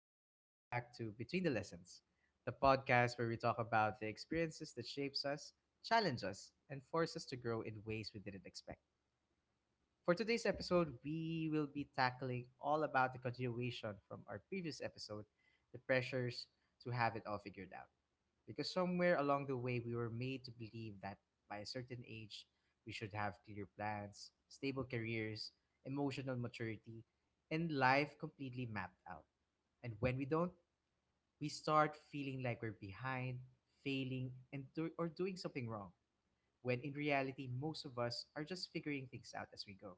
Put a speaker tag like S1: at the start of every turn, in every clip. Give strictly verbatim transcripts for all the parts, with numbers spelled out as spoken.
S1: and welcome back to Between the Lessons, the podcast where we talk about the experiences that shapes us, challenge us, and force us to grow in ways we didn't expect. For today's episode, we will be tackling all about the continuation from our previous episode, the pressures to have it all figured out. Because somewhere along the way, we were made to believe that by a certain age, we should have clear plans, stable careers, emotional maturity, and life completely mapped out. And when we don't, we start feeling like we're behind, failing, and do- or doing something wrong. When in reality, most of us are just figuring things out as we go.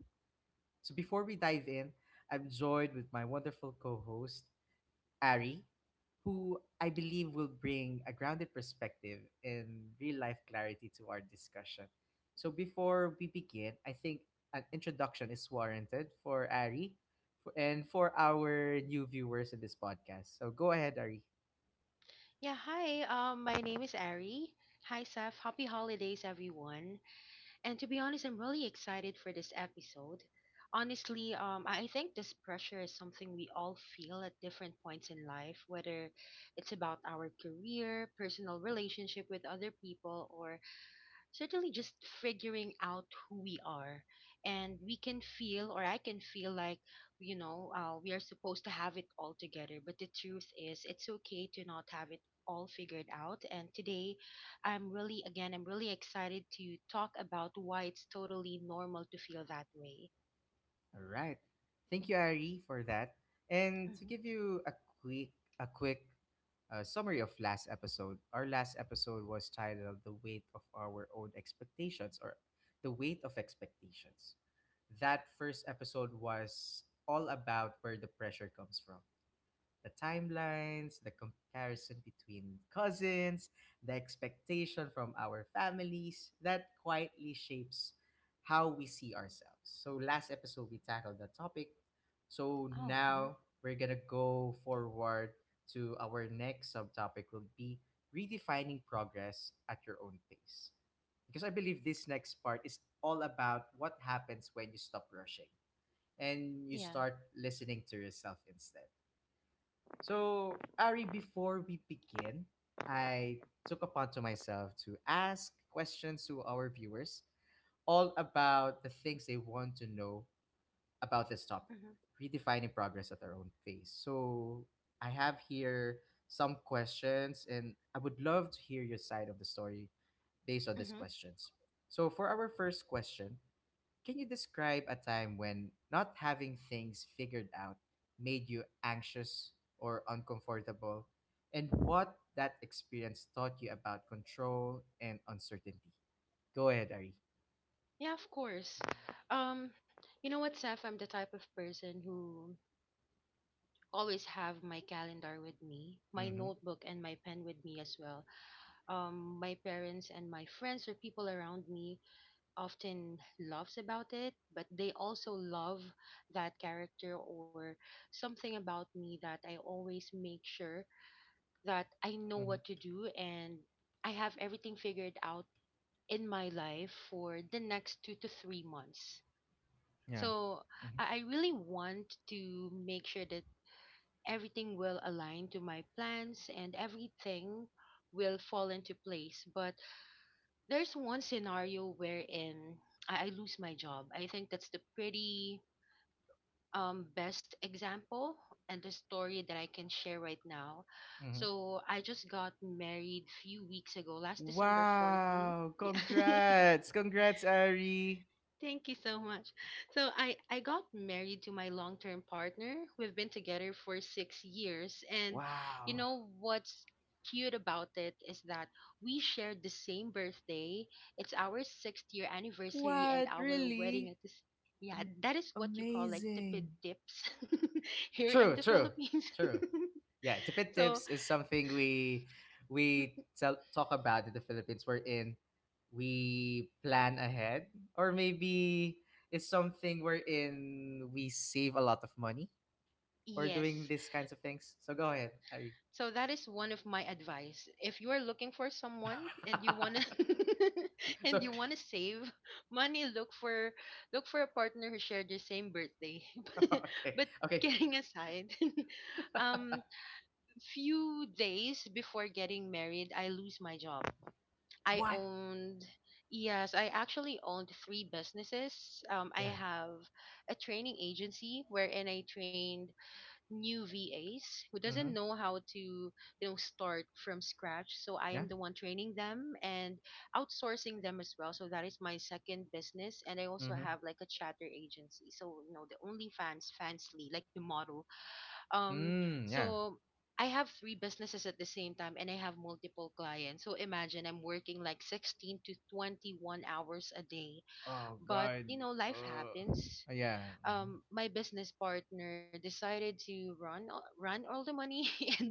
S1: So before we dive in, I'm joined with my wonderful co-host, Ari, who I believe will bring a grounded perspective and real-life clarity to our discussion. So before we begin, I think an introduction is warranted for Ari for, and for our new viewers in this podcast. So go ahead, Ari.
S2: Yeah, hi. Um, my name is Ari. Hi, Seth. Happy holidays, everyone. And to be honest, I'm really excited for this episode. Honestly, um, I I think this pressure is something we all feel at different points in life, whether it's about our career, personal relationship with other people, or certainly just figuring out who we are, and we can feel, or I can feel like, you know uh, we are supposed to have it all together, but the truth is it's okay to not have it all figured out. And today i'm really again I'm really excited to talk about why it's totally normal to feel that way.
S1: All right. Thank you, Ari, for that. And to
S2: hmm
S1: give you a quick a quick uh, summary of last episode. Our last episode was titled The Weight of Our Own Expectations or The Weight of Expectations. That first episode was all about where the pressure comes from the timelines, the comparison between cousins, the expectation from our families that quietly shapes how we see ourselves. So, last episode, we tackled the topic. So,
S2: oh, mhm.
S1: now we're going to go forward to our next subtopic, will be redefining progress at your own pace. Because I believe this next part is all about what happens when you stop rushing and you
S2: Yeah.
S1: start listening to yourself instead. So, Ari, before we begin, I took upon to myself to ask questions to our viewers all about the things they want to know about this topic,
S2: hmm
S1: redefining progress at our own pace. So, I have here some questions, and I would love to hear your side of the story based on these
S2: hmm
S1: questions. So, for our first question, can you describe a time when not having things figured out made you anxious or uncomfortable, and what that experience taught you about control and uncertainty? Go ahead, Ari.
S2: yeah, of course. um you know what, Seth, I'm the type of person who always have my calendar with me, my notebook
S1: Mm-hmm.
S2: and my pen with me as well. Um, my parents and my friends or people around me often laughs about it, but they also love that character, or something about me, that I always make sure that I know what to
S1: Mm-hmm.
S2: do and I have everything figured out in my life for the next two to three months.
S1: Yeah.
S2: So
S1: Mm-hmm.
S2: I I really want to make sure that everything will align to my plans and everything will fall into place. But there's one scenario wherein I, I lose my job. I think that's the pretty um, best example and the story that I can share right now.
S1: Mm-hmm.
S2: So I just got married few weeks ago, last December fourteenth.
S1: Wow!
S2: Yeah.
S1: Congrats! Congrats, Ari!
S2: Thank you so much. So I I got married to my long-term partner. We've been together for six years, and you
S1: Wow!
S2: know what's cute about it is that we shared the same birthday. It's our sixth year anniversary and
S1: What?
S2: our wedding
S1: Really?
S2: at this. Yeah,
S1: Am-
S2: that is what you call like tipid
S1: Amazing!
S2: tips here in
S1: True,
S2: the
S1: true,
S2: Philippines.
S1: true. Yeah, tipid
S2: So,
S1: tips is something we we tell, talk about in the Philippines. We're in. We plan ahead, or maybe it's something we're in. We save a lot of money for doing
S2: yes.
S1: these kinds of things. So go ahead, Ari.
S2: So that is one of my advice. If you are looking for someone and you wanna and
S1: so
S2: you wanna save money, look for, look for a partner who shared the same birthday.
S1: okay,
S2: But
S1: okay.
S2: kidding aside, um, few days before getting married, I lose my job. I
S1: What?
S2: owned, yes, I actually owned three businesses. Um, I
S1: Yeah.
S2: have a training agency wherein I trained new V As who
S1: Mm-hmm.
S2: doesn't know how to, you know, start from scratch. So I
S1: Yeah.
S2: am the one training them and outsourcing them as well. So that is my second business. And I also
S1: Mm-hmm.
S2: have like a chatter agency. So, you know, the OnlyFans, Fansly, like the model. Um,
S1: Mm, yeah.
S2: so I have three businesses at the same time and I have multiple clients. So imagine I'm working like sixteen to twenty-one hours a day.
S1: Oh
S2: But,
S1: God.
S2: you know, life
S1: Uh.
S2: happens.
S1: Yeah. Mhm.
S2: Um my business partner decided to run all- run all the money and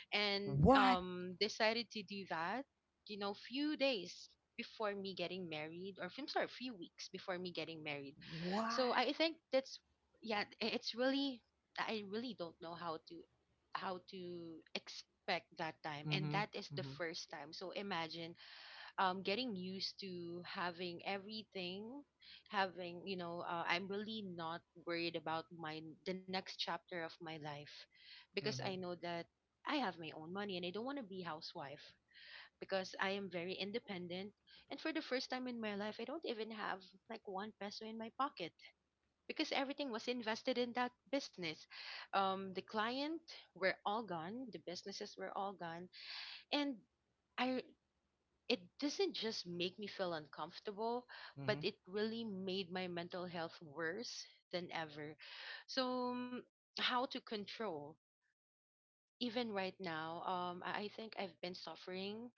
S2: and
S1: What?
S2: um decided to do that, you know, few days before me getting married, or I'm sorry, few weeks before me getting married. So
S1: What?
S2: I think that's, yeah, i- it's really, I really don't know how to, how to expect that time, and that
S1: Mhm.
S2: is the
S1: Mhm.
S2: first time. So imagine um getting used to having everything, having, you know uh, I'm really not worried about my the next chapter of my life, because I
S1: Mhm.
S2: know that I have my own money and I don't want to be housewife because I am very independent. And for the first time in my life I don't even have like one peso in my pocket, because everything was invested in that business. Um the client were all gone, the businesses were all gone, and I, it doesn't just make me feel uncomfortable, but
S1: Mhm.
S2: it really made my mental health worse than ever. So, mm, how to control? Even right now, um, I I think I've been suffering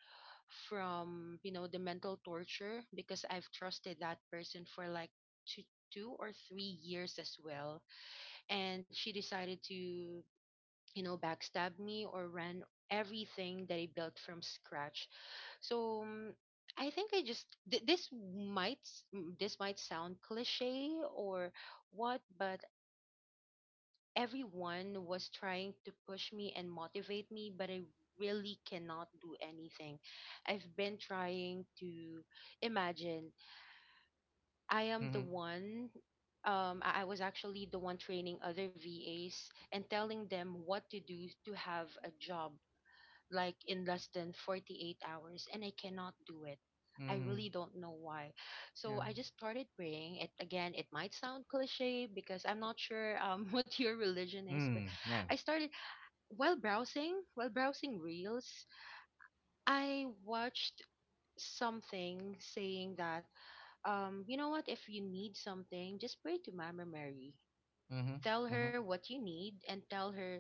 S2: from, you know, the mental torture, because I've trusted that person for like two, two or three years as well, and she decided to, you know, backstab me or run everything that I built from scratch. So, mm, I think I just th- this might s- m- this might sound cliche or what, but everyone was trying to push me and motivate me, but I really cannot do anything. I've been trying to imagine I am the
S1: Mhm.
S2: one. Um, I I was actually the one training other V As and telling them what to do to have a job like in less than forty-eight hours, and I cannot do it. I really
S1: Mhm.
S2: don't know why. So
S1: Yeah.
S2: I just started praying. It, again, it might sound cliche because I'm not sure um what your religion is, but
S1: Mm. Yeah.
S2: I started while browsing, while browsing reels, I watched something saying that, um you know what, if you need something, just pray to Mama Mary,
S1: Mhm.
S2: tell her
S1: Mhm.
S2: what you need and tell her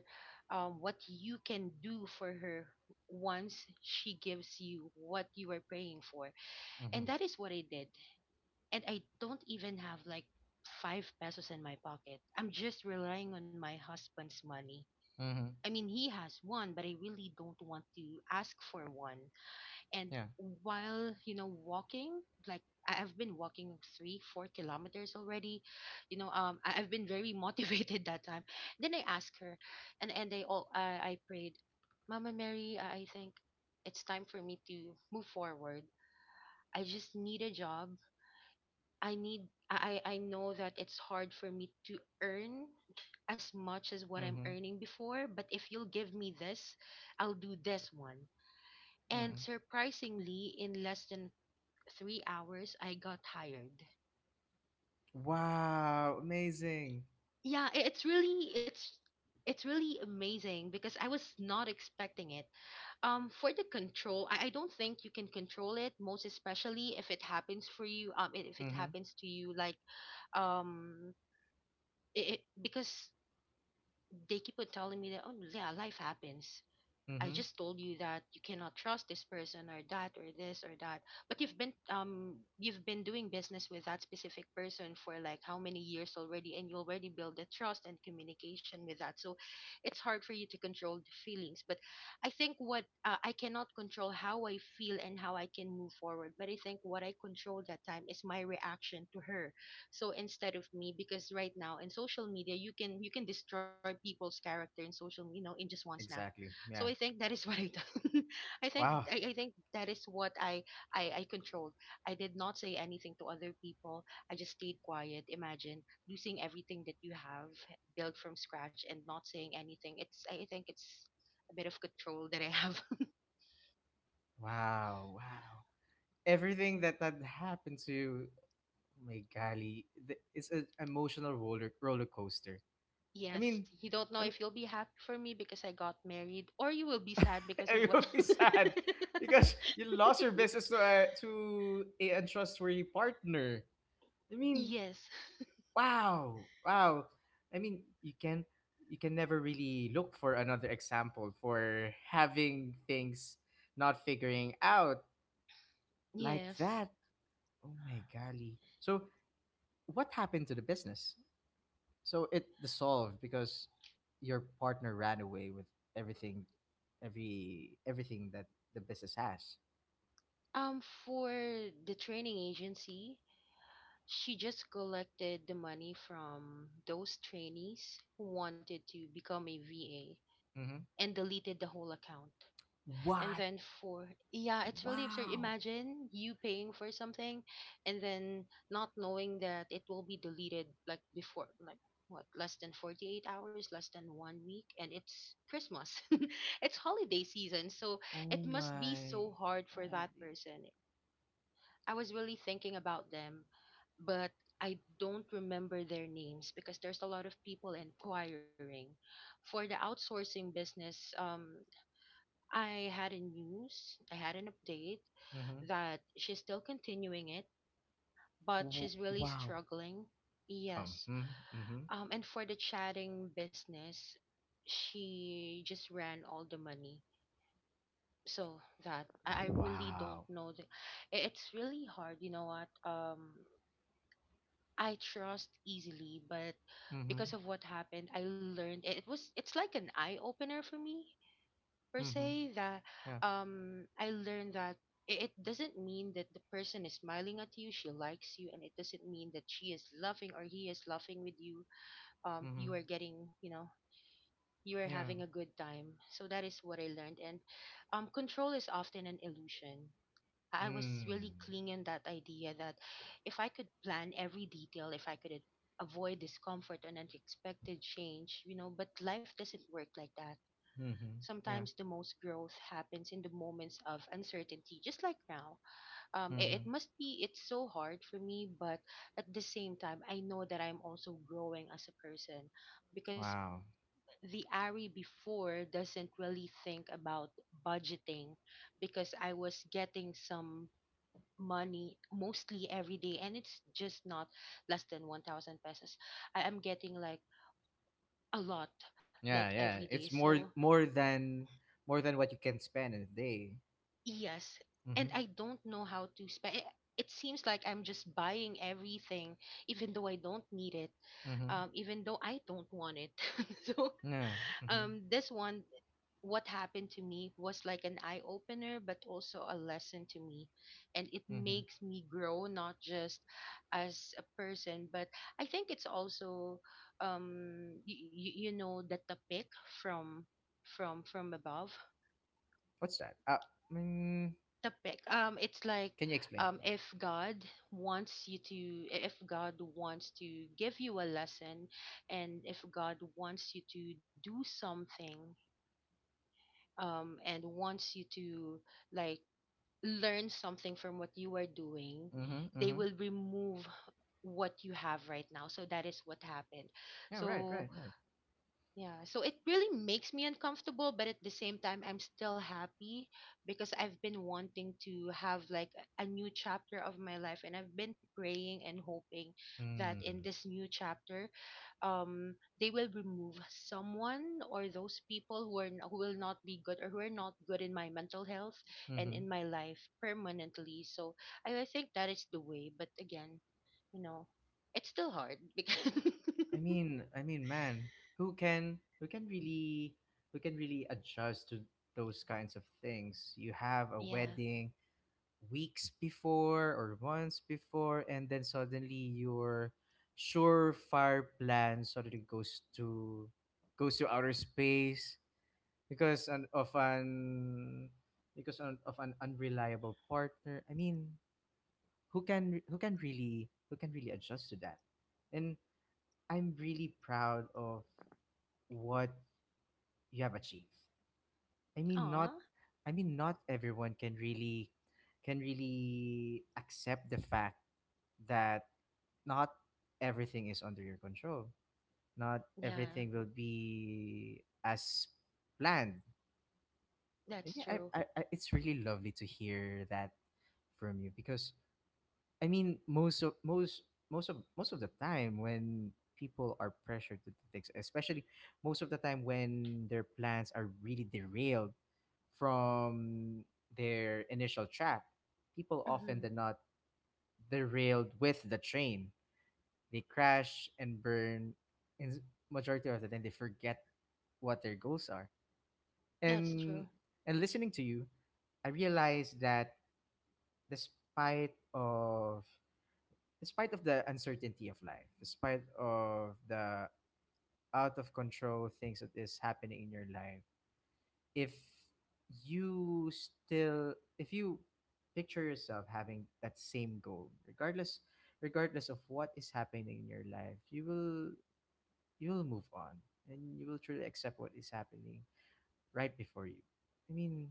S2: um, what you can do for her once she gives you what you are praying for. And
S1: Mhm.
S2: that is what I did. And I don't even have like five pesos in my pocket, I'm just relying on my husband's money. I
S1: Mhm.
S2: mean, he has one, but I really don't want to ask for one. And
S1: Yeah.
S2: while, you know, walking, like, I- I've been walking three four kilometers already, you know, um I- I've been very motivated that time. Then I asked her, and and they all i, I prayed, Mama Mary, I-, I think it's time for me to move forward, I just need a job, I need I I I know that it's hard for me to earn as much as what I'm
S1: Mhm.
S2: earning before, but if you'll give me this, I'll do this one. And
S1: Mhm.
S2: surprisingly, in less than three hours, I got tired.
S1: Wow, amazing.
S2: Yeah, i- it's really, it's it's really amazing because I was not expecting it. Um for the control, i, I don't think you can control it, most especially if it happens for you, um i- if it
S1: Mhm.
S2: happens to you like, um it, it, because they keep on telling me that, oh yeah, life happens, I
S1: Mhm.
S2: just told you that you cannot trust this person or that or this or that. But you've been, um you've been doing business with that specific person for like how many years already, and you already build the trust and communication with that. So it's hard for you to control the feelings. But I think what, uh, I cannot control how I feel and how I can move forward. But I think what I control that time is my reaction to her. So instead of me, because right now in social media you can you can destroy people's character in social, you know, in just one snap.
S1: Exactly.
S2: So I
S1: Yeah.
S2: think that is what I done. I think
S1: Wow.
S2: I, I think that is what I, I I controlled. I did not say anything to other people. I just stayed quiet. Imagine losing everything that you have, built from scratch, and not saying anything. It's, I think it's a bit of control that I have.
S1: Wow. Wow. Everything that that happened to you, oh my golly, th- it's an emotional roller roller coaster. I
S2: Yes,
S1: mean,
S2: you don't know if you'll be happy for me because I got married, or you will be sad because of
S1: I
S2: what.
S1: will be sad because you lost your business to a, to a untrustworthy partner. I mean,
S2: Yes,
S1: wow, wow. I mean, you can you can never really look for another example for having things not figuring out like
S2: yes.
S1: that. Oh my golly. So what happened to the business? So it dissolved because your partner ran away with everything, every everything that the business has.
S2: Um, for the training agency, she just collected the money from those trainees who wanted to become a
S1: Mm-hmm.
S2: V A and deleted the whole account. And
S1: What?
S2: then for, yeah, it's really absurd.
S1: Wow.
S2: Imagine you paying for something and then not knowing that it will be deleted like before, like what, less than forty-eight hours, less than one week, and it's Christmas. It's holiday season. So it
S1: Oh
S2: must be
S1: my.
S2: so hard for that person. I was really thinking about them, but I don't remember their names because there's a lot of people inquiring. For the outsourcing business, um, I had a news, I had an update
S1: Mm-hmm.
S2: that she's still continuing it, but
S1: W-
S2: she's really
S1: Wow.
S2: struggling.
S1: Um,
S2: Yes.
S1: mm-hmm. Mm-hmm.
S2: Um, and for the chatting business, she just ran all the money. So that I I really don't
S1: Wow.
S2: know. The, i- it's really hard, you know what? Um, I trust easily, but
S1: Mm-hmm.
S2: because of what happened, I learned it was, it's like an eye opener for me per
S1: Mm-hmm.
S2: se. That
S1: Yeah.
S2: um I learned that i- it doesn't mean that the person is smiling at you, she likes you, and it doesn't mean that she is laughing or he is laughing with you. Um,
S1: Mm-hmm.
S2: you are getting, you know, you are
S1: Yeah.
S2: having a good time. So that is what I learned. And um, control is often an illusion. I was
S1: Mm.
S2: really clinging that idea that if I could plan every detail, if I could a- avoid discomfort and unexpected change, you know, but life doesn't work like that.
S1: Mm-hmm. Yeah.
S2: Sometimes the most growth happens in the moments of uncertainty, just like now. Um, it, it
S1: Mm-hmm.
S2: must be, it's so hard for me, but at the same time, I know that I'm also growing as a person because
S1: Wow.
S2: the Ari before doesn't really think about budgeting because I was getting some money mostly every day, and it's just not less than 1000 pesos. I am getting like a lot, like
S1: Yeah,
S2: every
S1: yeah.
S2: day,
S1: It's
S2: so
S1: more more than more than what you can spend in a day.
S2: yes. And
S1: Mm-hmm.
S2: I don't know how to spend it. It seems like I'm just buying everything even though I don't need it,
S1: Mm-hmm.
S2: um, even though I don't want it so
S1: Yeah.
S2: um,
S1: Mm-hmm.
S2: this one, what happened to me was like an eye opener, but also a lesson to me. And it
S1: Mm-hmm.
S2: makes me grow, not just as a person, but I think it's also, um, you, you know, the topic from, from, from above.
S1: What's that? Uh, mm,
S2: Topic. Um, it's like,
S1: can you explain,
S2: um,
S1: please?
S2: if God wants you to, if God wants to give you a lesson, and if God wants you to do something, um, and wants you to like learn something from what you are doing,
S1: Mm-hmm.
S2: they
S1: Mm-hmm.
S2: will remove what you have right now. So that is what happened.
S1: Yeah, right,
S2: So
S1: right, right.
S2: yeah, so it really makes me uncomfortable, but at the same time, I'm still happy because I've been wanting to have like a a new chapter of my life, and I've been praying and hoping that in
S1: Mm.
S2: this new chapter, um, they will remove someone or those people who are n- who will not be good or who are not good in my mental health and
S1: Mm-hmm.
S2: in my life permanently. So I, I think that is the way. But again, you know, it's still hard because
S1: I mean, I mean, man, who can who can really who can really adjust to those kinds of things? You have a
S2: yeah.
S1: wedding weeks before or months before, and then suddenly your surefire plan suddenly goes to goes to outer space because an, of an because an, of an unreliable partner. I mean, who can who can really who can really adjust to that? And I'm really proud of what you have achieved. I mean not
S2: Aw.
S1: I mean not everyone can really can really accept the fact that not everything is under your control. Not
S2: Yeah.
S1: everything will be as planned. And
S2: That's
S1: yeah,
S2: true.
S1: I, I, I, it's really lovely to hear that from you because I mean, most of most most of most of the time when people are pressured to do things, especially most of the time when their plans are really derailed from their initial track, people often do
S2: Hmm.
S1: not derailed with the train. They crash and burn. In s- Majority of the time, they forget what their goals are.
S2: That's
S1: And
S2: true.
S1: and listening to you, I realized that despite of despite of the uncertainty of life, despite of the out of control things that is happening in your life, if you still if you picture yourself having that same goal, regardless regardless of what is happening in your life, you will you will move on and you will truly accept what is happening right before you. I mean,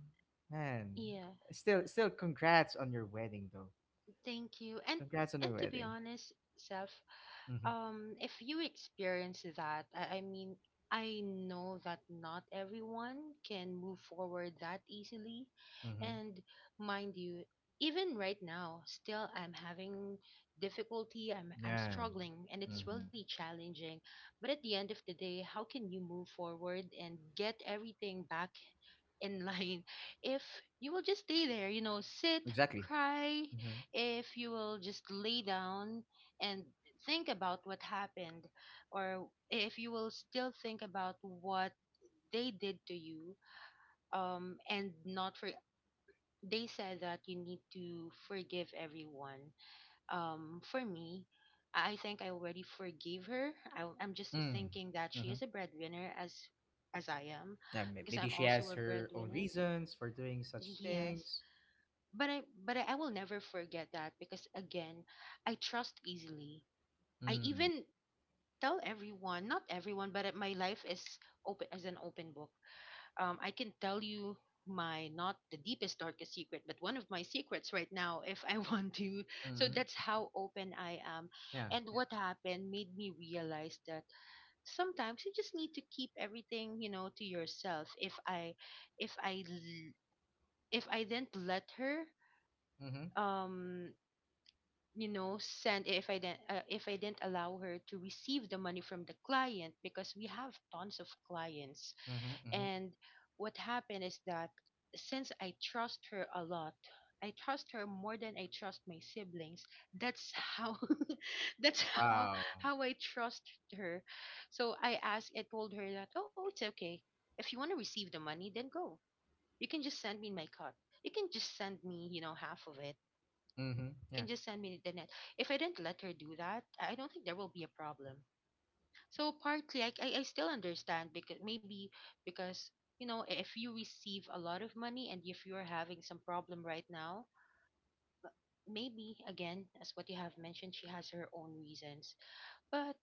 S1: man,
S2: Yeah.
S1: still still congrats on your wedding though.
S2: Thank you. And
S1: Congrats on your
S2: and to be
S1: wedding.
S2: honest, self,
S1: Mm-hmm.
S2: um, if you experience that, I, I mean, I know that not everyone can move forward that easily,
S1: Mm-hmm.
S2: and mind you, even right now, still I'm having difficulty. I'm I'm
S1: Yeah.
S2: struggling, and it's
S1: Mm-hmm.
S2: really challenging. But at the end of the day, how can you move forward and get everything back in line if you will just stay there, you know, sit,
S1: Exactly.
S2: cry,
S1: Mm-hmm.
S2: if you will just lay down and think about what happened, or if you will still think about what they did to you, um and not for, they said that you need to forgive everyone. um for me, I think I already forgave her. I, i'm just
S1: Mm.
S2: thinking that she
S1: Mm-hmm.
S2: is a breadwinner as as I am.
S1: Yeah, may-
S2: Because
S1: maybe
S2: I'm
S1: she has
S2: also a
S1: her own
S2: breadwinner.
S1: reasons for doing such
S2: Yes.
S1: things.
S2: But I but I I will never forget that because again, I trust easily. I
S1: Mm.
S2: even tell everyone, not everyone, but uh, my life is open as an open book. Um I can tell you my, not the deepest darkest secret, but one of my secrets right now if I want to. So that's
S1: Mm-hmm.
S2: how open I am.
S1: Yeah.
S2: And
S1: Yeah.
S2: what happened made me realize that sometimes you just need to keep everything, you know, to yourself. if i if i l- if I didn't let her
S1: Mm-hmm.
S2: um you know send, if i didn't uh, if I didn't allow her to receive the money from the client because we have tons of clients.
S1: Mm-hmm. Mm-hmm.
S2: And what happened is that since I trust her a lot, I trust her more than I trust my siblings. That's how that's how
S1: Wow.
S2: how I trust her. So i asked I told her that, oh, it's okay, if you want to receive the money then go, you can just send me my cut, you can just send me, you know, half of it,
S1: Mm-hmm.
S2: can
S1: Yeah.
S2: just send me the net. If I didn't let her do that, I don't think there will be a problem. So partly, I, I, I still understand because maybe because, you know, if you receive a lot of money and if you're having some problem right now, maybe again as what you have mentioned, she has her own reasons. But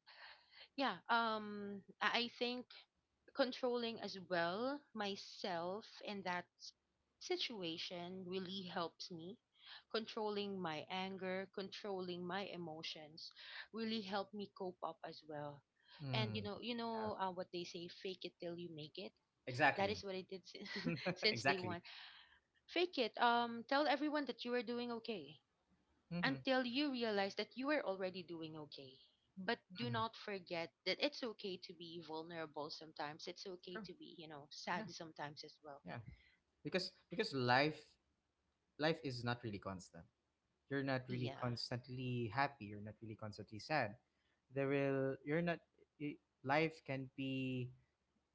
S2: yeah, um, I I think controlling as well myself in that s- situation really helps me, controlling my anger, controlling my emotions, really help me cope up as well. And you
S1: Mm.
S2: know, you
S1: Yeah.
S2: know uh, what they say, fake it till you make it. That is
S1: Exactly.
S2: what I did since, since day
S1: exactly.
S2: one. Fake it, um tell everyone that you are doing okay
S1: Mm-hmm.
S2: until you realize that you are already doing okay. But do
S1: Mm-hmm.
S2: not forget that it's okay to be vulnerable sometimes. It's okay
S1: True.
S2: to be, you know, sad
S1: Yeah.
S2: sometimes as well.
S1: Yeah. Because because life life is not really constant. You're not really
S2: Yeah.
S1: constantly happy. You're not really constantly sad. There will you're not. y- Life can be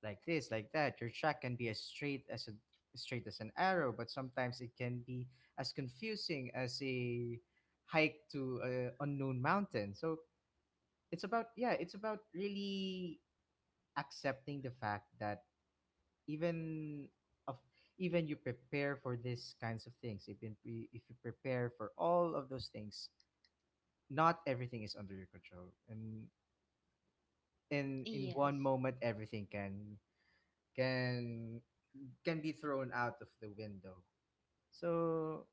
S1: like this, like that. Your track can be as straight as a straight as an arrow, but sometimes it can be as confusing as a hike to an unknown mountain. So it's about yeah, it's about really accepting the fact that even of even you prepare for these kinds of things, if you pre- if you prepare for all of those things, not everything is under your control, and in in one
S2: Yes.
S1: moment everything can can can be thrown out of the window. So,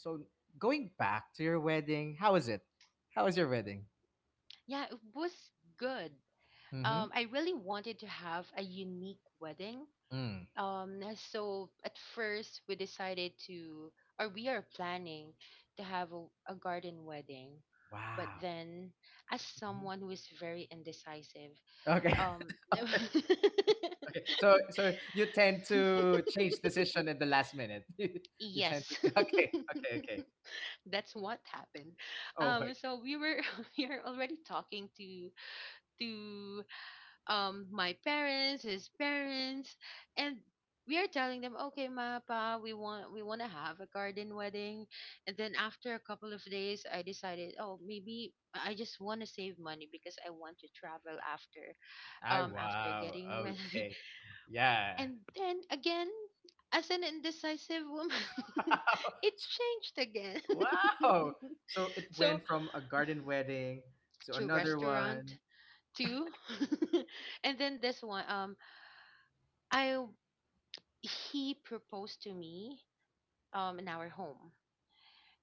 S1: so going back to your wedding, how was it? How was your wedding?
S2: Yeah, it was good.
S1: Mm-hmm.
S2: Um, I really wanted to have a unique wedding.
S1: Mm.
S2: Um, so at first we decided to, or we are planning to have a, a garden wedding. But
S1: Wow.
S2: then, as
S1: Mhm.
S2: someone who is very indecisive,
S1: Okay.
S2: um
S1: okay. So, so you tend to change decision at the last minute. you tend
S2: Yes.
S1: to. Okay. Okay. Okay.
S2: That's what happened.
S1: Oh my.
S2: Um so we were we are already talking to to um my parents, his parents, and we are telling them, "Okay, ma, pa, we want we want to have a garden wedding." And then after a couple of days, I decided, "Oh, maybe I just want to save money because I want to travel after
S1: I
S2: um after
S1: wow.
S2: getting wed-"
S1: Okay. Yeah.
S2: and then again, as an indecisive woman, it changed again.
S1: wow. So it
S2: So
S1: went from a garden wedding to
S2: to
S1: another one.
S2: restaurant too, and then this one, um, I he proposed to me um in our home,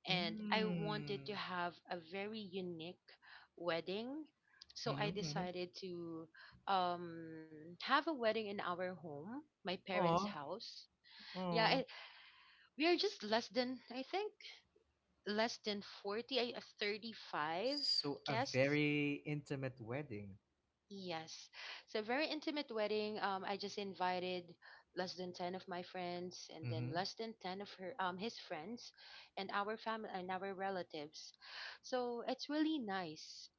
S2: and I wanted to
S1: Mm.
S2: have a very unique wedding. So I
S1: Mm-hmm, mm-hmm.
S2: decided to um have a wedding in our home, my parents'
S1: Oh,
S2: house. Yeah,
S1: oh!
S2: it, we are just less than, I think, less than forty, I- uh, thirty-five
S1: So a
S2: guests.
S1: very intimate wedding.
S2: Yes. So very intimate wedding. Um, I just invited less than ten of my friends and then
S1: Mm-hmm.
S2: less than ten of her um his friends and our family and our relatives. So it's really nice.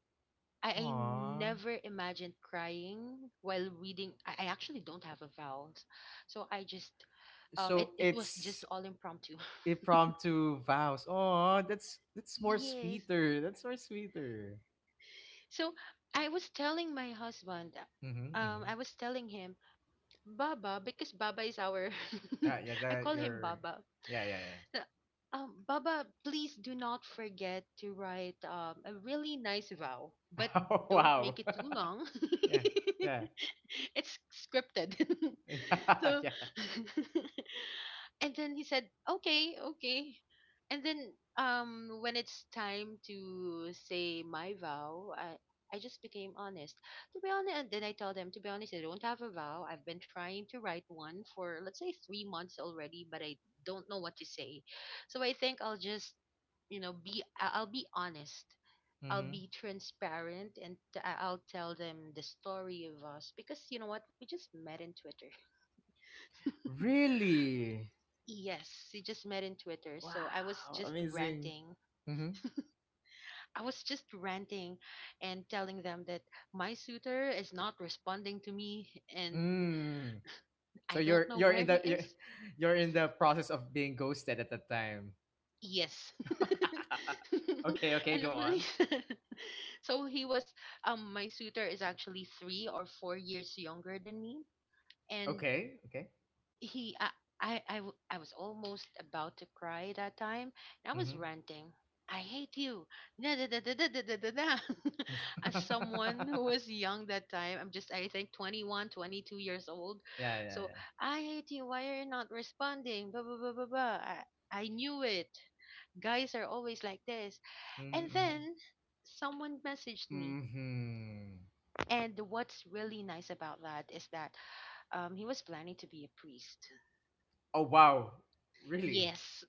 S2: I, I
S1: Aw.
S2: never imagined crying while reading. I, I actually don't have a vowels. So I just um it,
S1: So
S2: it was just
S1: it's
S2: all impromptu.
S1: impromptu vows. Oh, that's that's more
S2: Yes.
S1: sweeter. That's more sweeter.
S2: So I was telling my husband,
S1: Mm-hmm.
S2: um,
S1: Mm-hmm.
S2: I was telling him, Baba, because Baba is our,
S1: Yeah, yeah,
S2: I
S1: that
S2: call him
S1: you're
S2: Baba.
S1: yeah, yeah, yeah.
S2: Uh, Um, Baba, please do not forget to write um, a really nice vow, but
S1: Oh,
S2: don't make
S1: wow.
S2: it too long.
S1: yeah, yeah.
S2: It's scripted.
S1: Yeah,
S2: So
S1: yeah.
S2: and then he said, okay, okay. And then um when it's time to say my vow, I I just became honest, to be honest, and then I tell them, to be honest, I don't have a vow. I've been trying to write one for, let's say, three months already, but I don't know what to say. So I think I'll just, you know, be I- I'll be honest, I'll
S1: Mm-hmm.
S2: be transparent, and t- I- I'll tell them the story of us because, you know what, we just met in Twitter.
S1: Really?
S2: Yes, we just met in Twitter. So I was
S1: Wow,
S2: just
S1: amazing.
S2: ranting.
S1: Mm-hmm.
S2: I was just ranting and telling them that my suitor is not responding to me, and
S1: Mm. So
S2: I don't
S1: you're
S2: know
S1: you're
S2: where
S1: in
S2: he
S1: the you're,
S2: is.
S1: you're in the process of being ghosted at that time.
S2: Yes.
S1: okay, okay,
S2: And
S1: go
S2: I'm really
S1: on.
S2: sad. So he was um my suitor is actually three or four years younger than me and
S1: Okay, okay.
S2: he I, I I w- I was almost about to cry that time, and I was
S1: Mhm.
S2: ranting, "I hate you, da, da, da, da, da, da, da, da, da." As someone who was young that time, I'm just, I think, twenty-one twenty-two years old.
S1: yeah, yeah,
S2: So,
S1: yeah.
S2: "I hate you, why are you not responding, blah, blah, blah, blah, blah. I, I knew it, guys are always like this."
S1: Mhm,
S2: And
S1: mhm.
S2: then someone messaged me.
S1: Mhm.
S2: And what's really nice about that is that um, he was planning to be a priest.
S1: Oh wow. Really?
S2: Yes.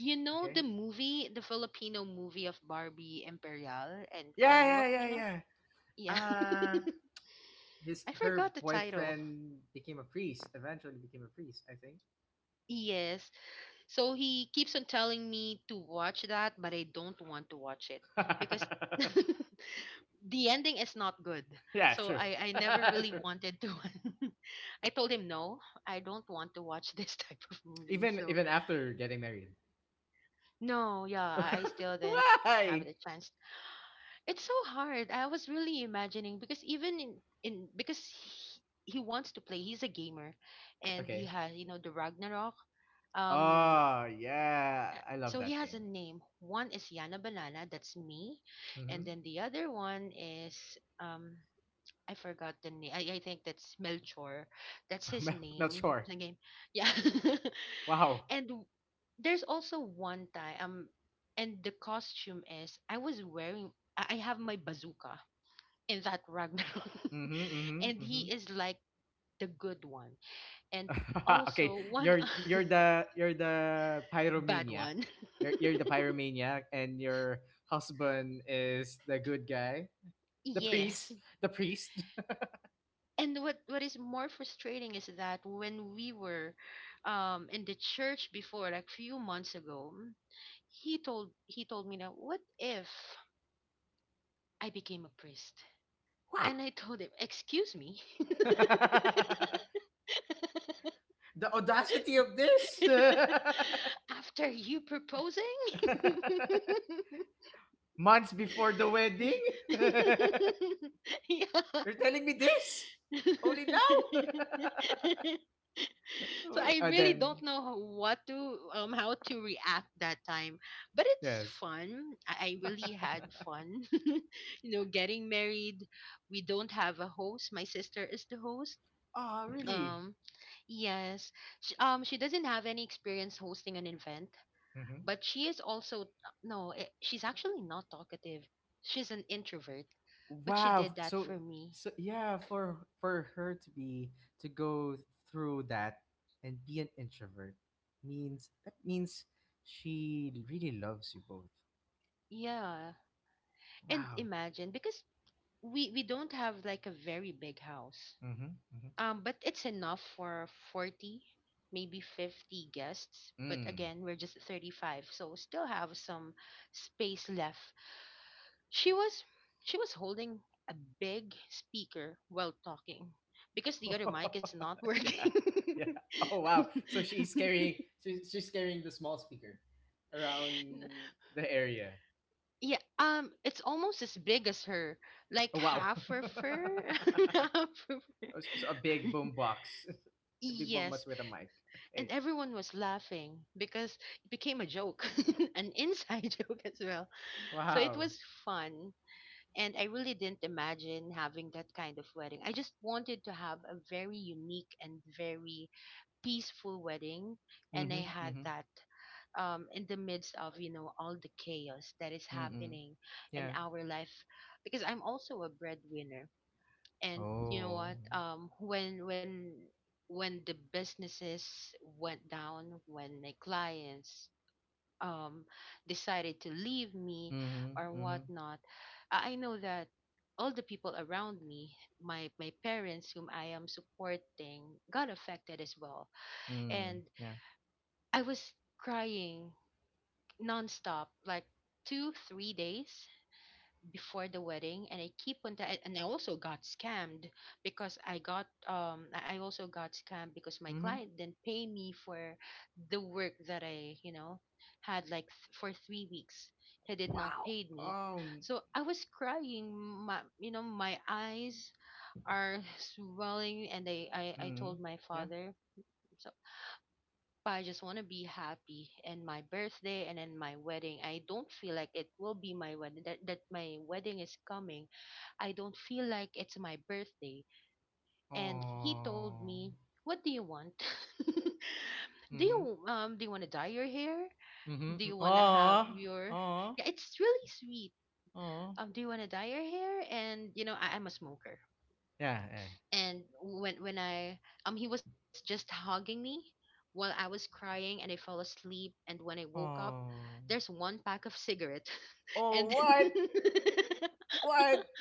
S2: You know the
S1: Okay.
S2: movie, the Filipino movie of Barbie Imperial and
S1: Yeah,
S2: Carlo
S1: yeah,
S2: Aquino?
S1: yeah,
S2: Yeah.
S1: yeah. Uh his
S2: I forgot
S1: her
S2: the title.
S1: boyfriend became a priest. Eventually became a priest, I think.
S2: Yes. So he keeps on telling me to watch that, but I don't want to watch it because the ending is not good.
S1: yeah,
S2: So
S1: true.
S2: I, I never really
S1: true.
S2: wanted to. I told him, no, I don't want to watch this type of movie.
S1: Even
S2: So,
S1: even after getting married.
S2: no, yeah, I I still didn't have
S1: Why?
S2: the chance. It's so hard. I was really imagining because even in, in because he, he wants to play. He's a gamer, and he
S1: Okay.
S2: has, you know, the Ragnarok. Um,
S1: Oh,
S2: uh,
S1: yeah. I love
S2: so he
S1: that
S2: has a
S1: game.
S2: name. One is Yana Banana. That's me,
S1: Mm-hmm.
S2: and then the other one is um. I forgot the name. I, I think that's Melchor. That's his
S1: I'm not
S2: name.
S1: sure.
S2: The game. Yeah.
S1: Wow.
S2: and w- there's also one time um and the costume is I was wearing, I I have my bazooka in that Ragnarok.
S1: Mm-hmm. Mm-hmm.
S2: And
S1: Mm-hmm.
S2: he is like the good one. And
S1: okay.
S2: also one
S1: You're you're the you're the
S2: bad
S1: pyromaniac.
S2: one.
S1: You're you're the pyromaniac and your husband is the good guy. The
S2: Yes.
S1: priest. The priest.
S2: And what, what is more frustrating is that when we were um, in the church before, like few months ago, he told he told me that, what if I became a priest?
S1: What?
S2: And I told him, excuse me.
S1: the audacity of this
S2: After you proposing?
S1: months before the wedding
S2: yeah.
S1: You're telling me this only now? Oh,
S2: So
S1: wait.
S2: I
S1: And
S2: really
S1: then,
S2: don't know ho- what to um how to react that time, but it's
S1: yes.
S2: fun. I, I really had fun, you know, getting married. We don't have a host. My sister is the host.
S1: Oh, really?
S2: Um, yes, she, um, she doesn't have any experience hosting an event,
S1: Hmm.
S2: but she is also no, eh, she's actually not talkative. She's an introvert, but she did
S1: Wow.
S2: that
S1: So,
S2: for me.
S1: so yeah, for for her to be to go through that and be an introvert means that means she really loves you both.
S2: Yeah. And
S1: Wow.
S2: imagine because we we don't have like a very big house.
S1: Hmm. Hmm.
S2: Um but it's enough for forty, maybe fifty guests, but
S1: Mm.
S2: again we're just thirty-five, so still have some space left. she was she was holding a big speaker while talking because the other mic is not
S1: yeah.
S2: working.
S1: Yeah. Oh wow. So she's carrying she's, she's carrying the small speaker around the area.
S2: Yeah, um it's almost as big as her, like
S1: Oh, wow.
S2: half her fur. half her
S1: so so a big boom box. a big boom
S2: Yes,
S1: box with a mic. Okay.
S2: and everyone was laughing because it became a joke, an inside joke as well. So it
S1: Wow.
S2: was fun. And I really didn't imagine having that kind of wedding. I just wanted to have a very unique and very peaceful wedding. And I
S1: Mhm.
S2: had
S1: Mhm.
S2: that, um, in the midst of, you know, all the chaos that is
S1: Mhm.
S2: happening in
S1: Yeah.
S2: our life. Because I'm also a breadwinner, and you know
S1: Oh.
S2: what, um when when when the businesses went down, when my clients um decided to leave me
S1: Mhm.
S2: or
S1: Mhm.
S2: whatnot, i I know that all the people around me, my my parents whom I am supporting, got affected as well.
S1: Mm.
S2: And
S1: Yeah.
S2: I was crying nonstop, like two three days before the wedding, and I keep on that. And I also got scammed because I got um I I also got scammed because my
S1: Mhm.
S2: client didn't pay me for the work that I, you know, had like th- for three weeks. He did not
S1: Wow.
S2: paid me.
S1: Oh.
S2: So I was crying, my you know my eyes are swelling, and I I, I told
S1: Mhm.
S2: my
S1: Yeah.
S2: father. So but I just want to be happy, and my birthday and then my wedding. I don't feel like it will be my wedding, that, that my wedding is coming. I don't feel like it's my birthday. And he told
S1: Oh.
S2: me, "What do you want? do
S1: Mhm.
S2: you um do you want to dye your hair? Do
S1: Mhm.
S2: you want to have
S1: Oh.
S2: your—"
S1: Oh.
S2: Yeah, it's really sweet.
S1: Oh.
S2: Um do you want to dye your hair?" And you know, I, I'm a smoker,
S1: Yeah. Yeah.
S2: and when when I um he was just hugging me while I was crying, and I fell asleep. And when I woke up,
S1: Oh.
S2: there's one pack of cigarette and
S1: Oh,
S2: then.
S1: what? What?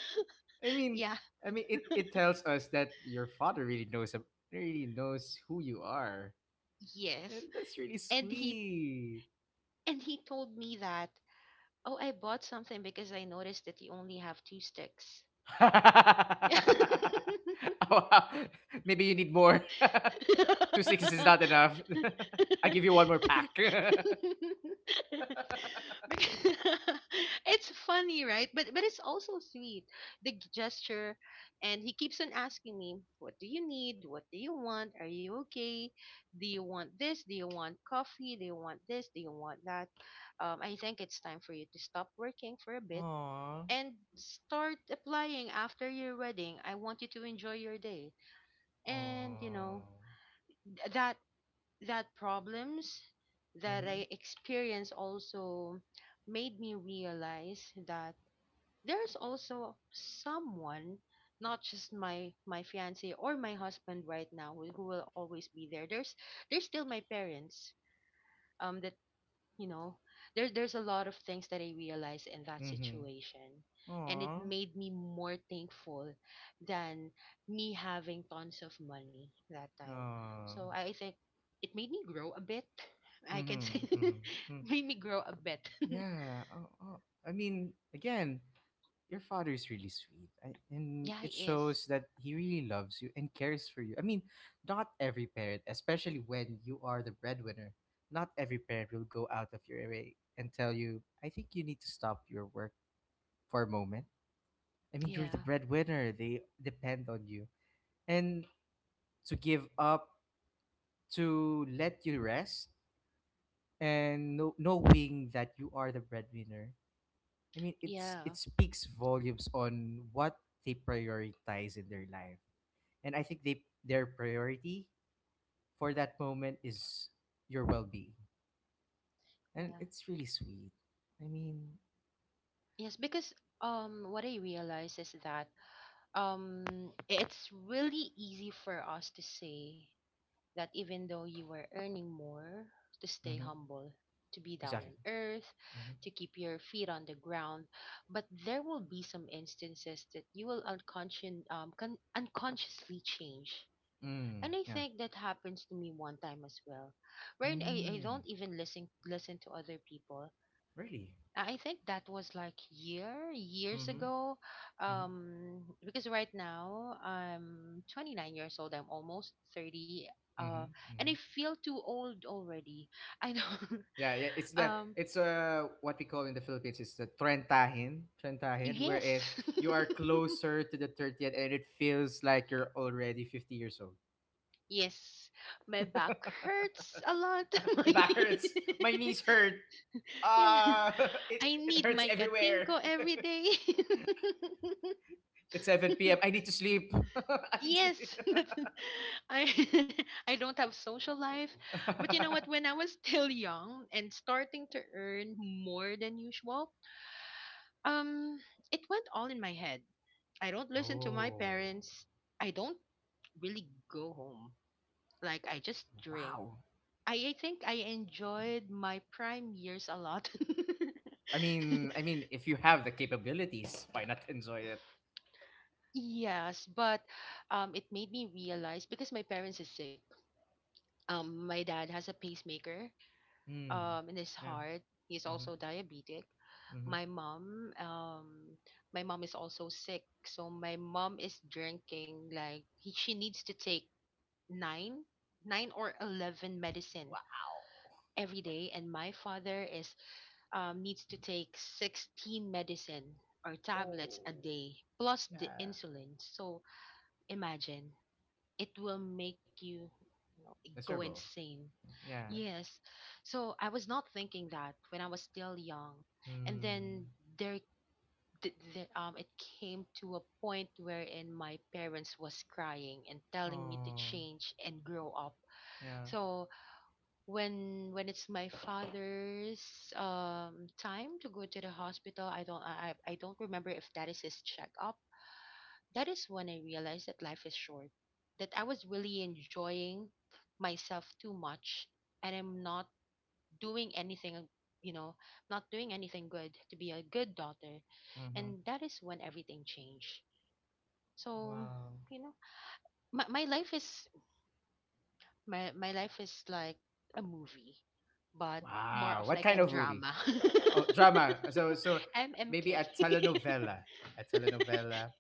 S1: I mean,
S2: Yeah,
S1: I mean, it, it tells us that your father really knows ab- really knows who you are, and
S2: yes.
S1: that's really
S2: And he
S1: sweet.
S2: and he told me that, "Oh, I bought something because I noticed that you only have two sticks."
S1: Oh, wow. Maybe you need more. Two sixes is not enough. I give you one more pack.
S2: Because- it's funny, right? But but it's also sweet. The g- gesture, and he keeps on asking me, "What do you need? What do you want? Are you okay? Do you want this? Do you want coffee? Do you want this? Do you want that? Um, I think it's time for you to stop working for a bit
S1: Aww.
S2: and start applying after your wedding. I want you to enjoy your day." And you know,
S1: Aww.
S2: th- that that problems that
S1: Mhm.
S2: I experienced also made me realize that there's also someone, not just my my fiance or my husband right now, who will always be there. There's there's still my parents. Um, the you know there there's a lot of things that I realized in that
S1: Mhm.
S2: situation, and it
S1: Aww.
S2: made me more thankful than me having tons of money that time.
S1: Aww.
S2: So I think it made me grow a bit, I can say.
S1: Mhm. Mhm. Mm.
S2: Made me grow a bit.
S1: Yeah. Oh, oh. I mean, again, your father is really sweet I, and
S2: Yeah, it
S1: it shows
S2: is.
S1: that he really loves you and cares for you. I mean not every parent, especially when you are the breadwinner, not every parent will go out of your way and tell you I think you need to stop your work for a moment. I mean, you're the
S2: Yeah,
S1: breadwinner, they depend on you, and to give up, to let you rest and know, knowing that you are the breadwinner. I mean, it's
S2: yeah,
S1: it speaks volumes on what they prioritize in their life. And I think they their priority for that moment is your well being, and
S2: yeah.
S1: it's really sweet. I mean,
S2: Yes, because um what I realized is that, um it's really easy for us to say that even though you were earning more, to stay
S1: mm-hmm,
S2: humble, to be down
S1: exactly.
S2: on earth,
S1: Mm-hmm.
S2: to keep your feet on the ground. But there will be some instances that you will unconscious, um, con- unconsciously change.
S1: Mm,
S2: And I
S1: yeah.
S2: think that happens to me one time as well, wherein I, I don't
S1: Mm,
S2: even listen listen to other people.
S1: really.
S2: I think that was like year years
S1: Mm-hmm.
S2: ago,
S1: Mm-hmm.
S2: um, because right now I'm twenty-nine years old. I'm almost thirty, uh,
S1: Mm-hmm.
S2: and
S1: Mm-hmm.
S2: I feel too old already. I know.
S1: Yeah, yeah. It's the
S2: um,
S1: it's uh what we call in the Philippines is the trentahin, trentahin, wherein
S2: yes,
S1: you are closer to the thirtieth, and it feels like you're already fifty years old.
S2: yes, my back hurts a lot.
S1: My
S2: My
S1: back hurts. My knees hurt.
S2: yeah,
S1: Uh, it
S2: I
S1: it
S2: need
S1: hurts
S2: my
S1: everywhere.
S2: katinko every day.
S1: It's seven p m. I need to sleep. I need to sleep.
S2: Yes, that's I I don't have social life. But you know what? When I was still young and starting to earn more than usual, um, it went all in my head. I don't listen to my
S1: Oh,
S2: parents. I don't really go home. Like I just drink.
S1: wow.
S2: I, I think I enjoyed my prime years a lot.
S1: I mean, I mean, if you have the capabilities, why not enjoy it?
S2: Yes, but um, it made me realize because my parents is sick. Um, my dad has a pacemaker,
S1: Hmm.
S2: um in his
S1: Yeah.
S2: heart. He's
S1: Mm-hmm.
S2: also diabetic.
S1: Mm-hmm.
S2: My mom, um, my mom is also sick. So my mom is drinking like he, she needs to take nine, nine or eleven medicine
S1: Wow.
S2: every day, and my father is um needs to take sixteen medicine or
S1: Oh.
S2: tablets a day plus the
S1: Yeah.
S2: insulin. So imagine, it will make you, you know, go
S1: Miserable.
S2: insane.
S1: Yeah.
S2: Yes. So I was not thinking that when I was still young. And
S1: Hmm.
S2: then there, th- there um it came to a point wherein my parents was crying and telling me to
S1: Oh.
S2: change and grow up.
S1: Yeah.
S2: So when when it's my father's um time to go to the hospital, I don't I I I don't remember if that is his checkup. That is when I realized that life is short. That I was really enjoying myself too much, and I'm not doing anything, you know, not doing anything good to be a good daughter.
S1: Mm-hmm.
S2: And that is when everything changed. So,
S1: Wow.
S2: you know, my, my life is my, my life is like a movie, but more
S1: Wow.
S2: of
S1: What
S2: like a
S1: kind of movie?
S2: drama.
S1: Oh, drama. So so maybe
S2: M M K.
S1: a telenovela. A telenovela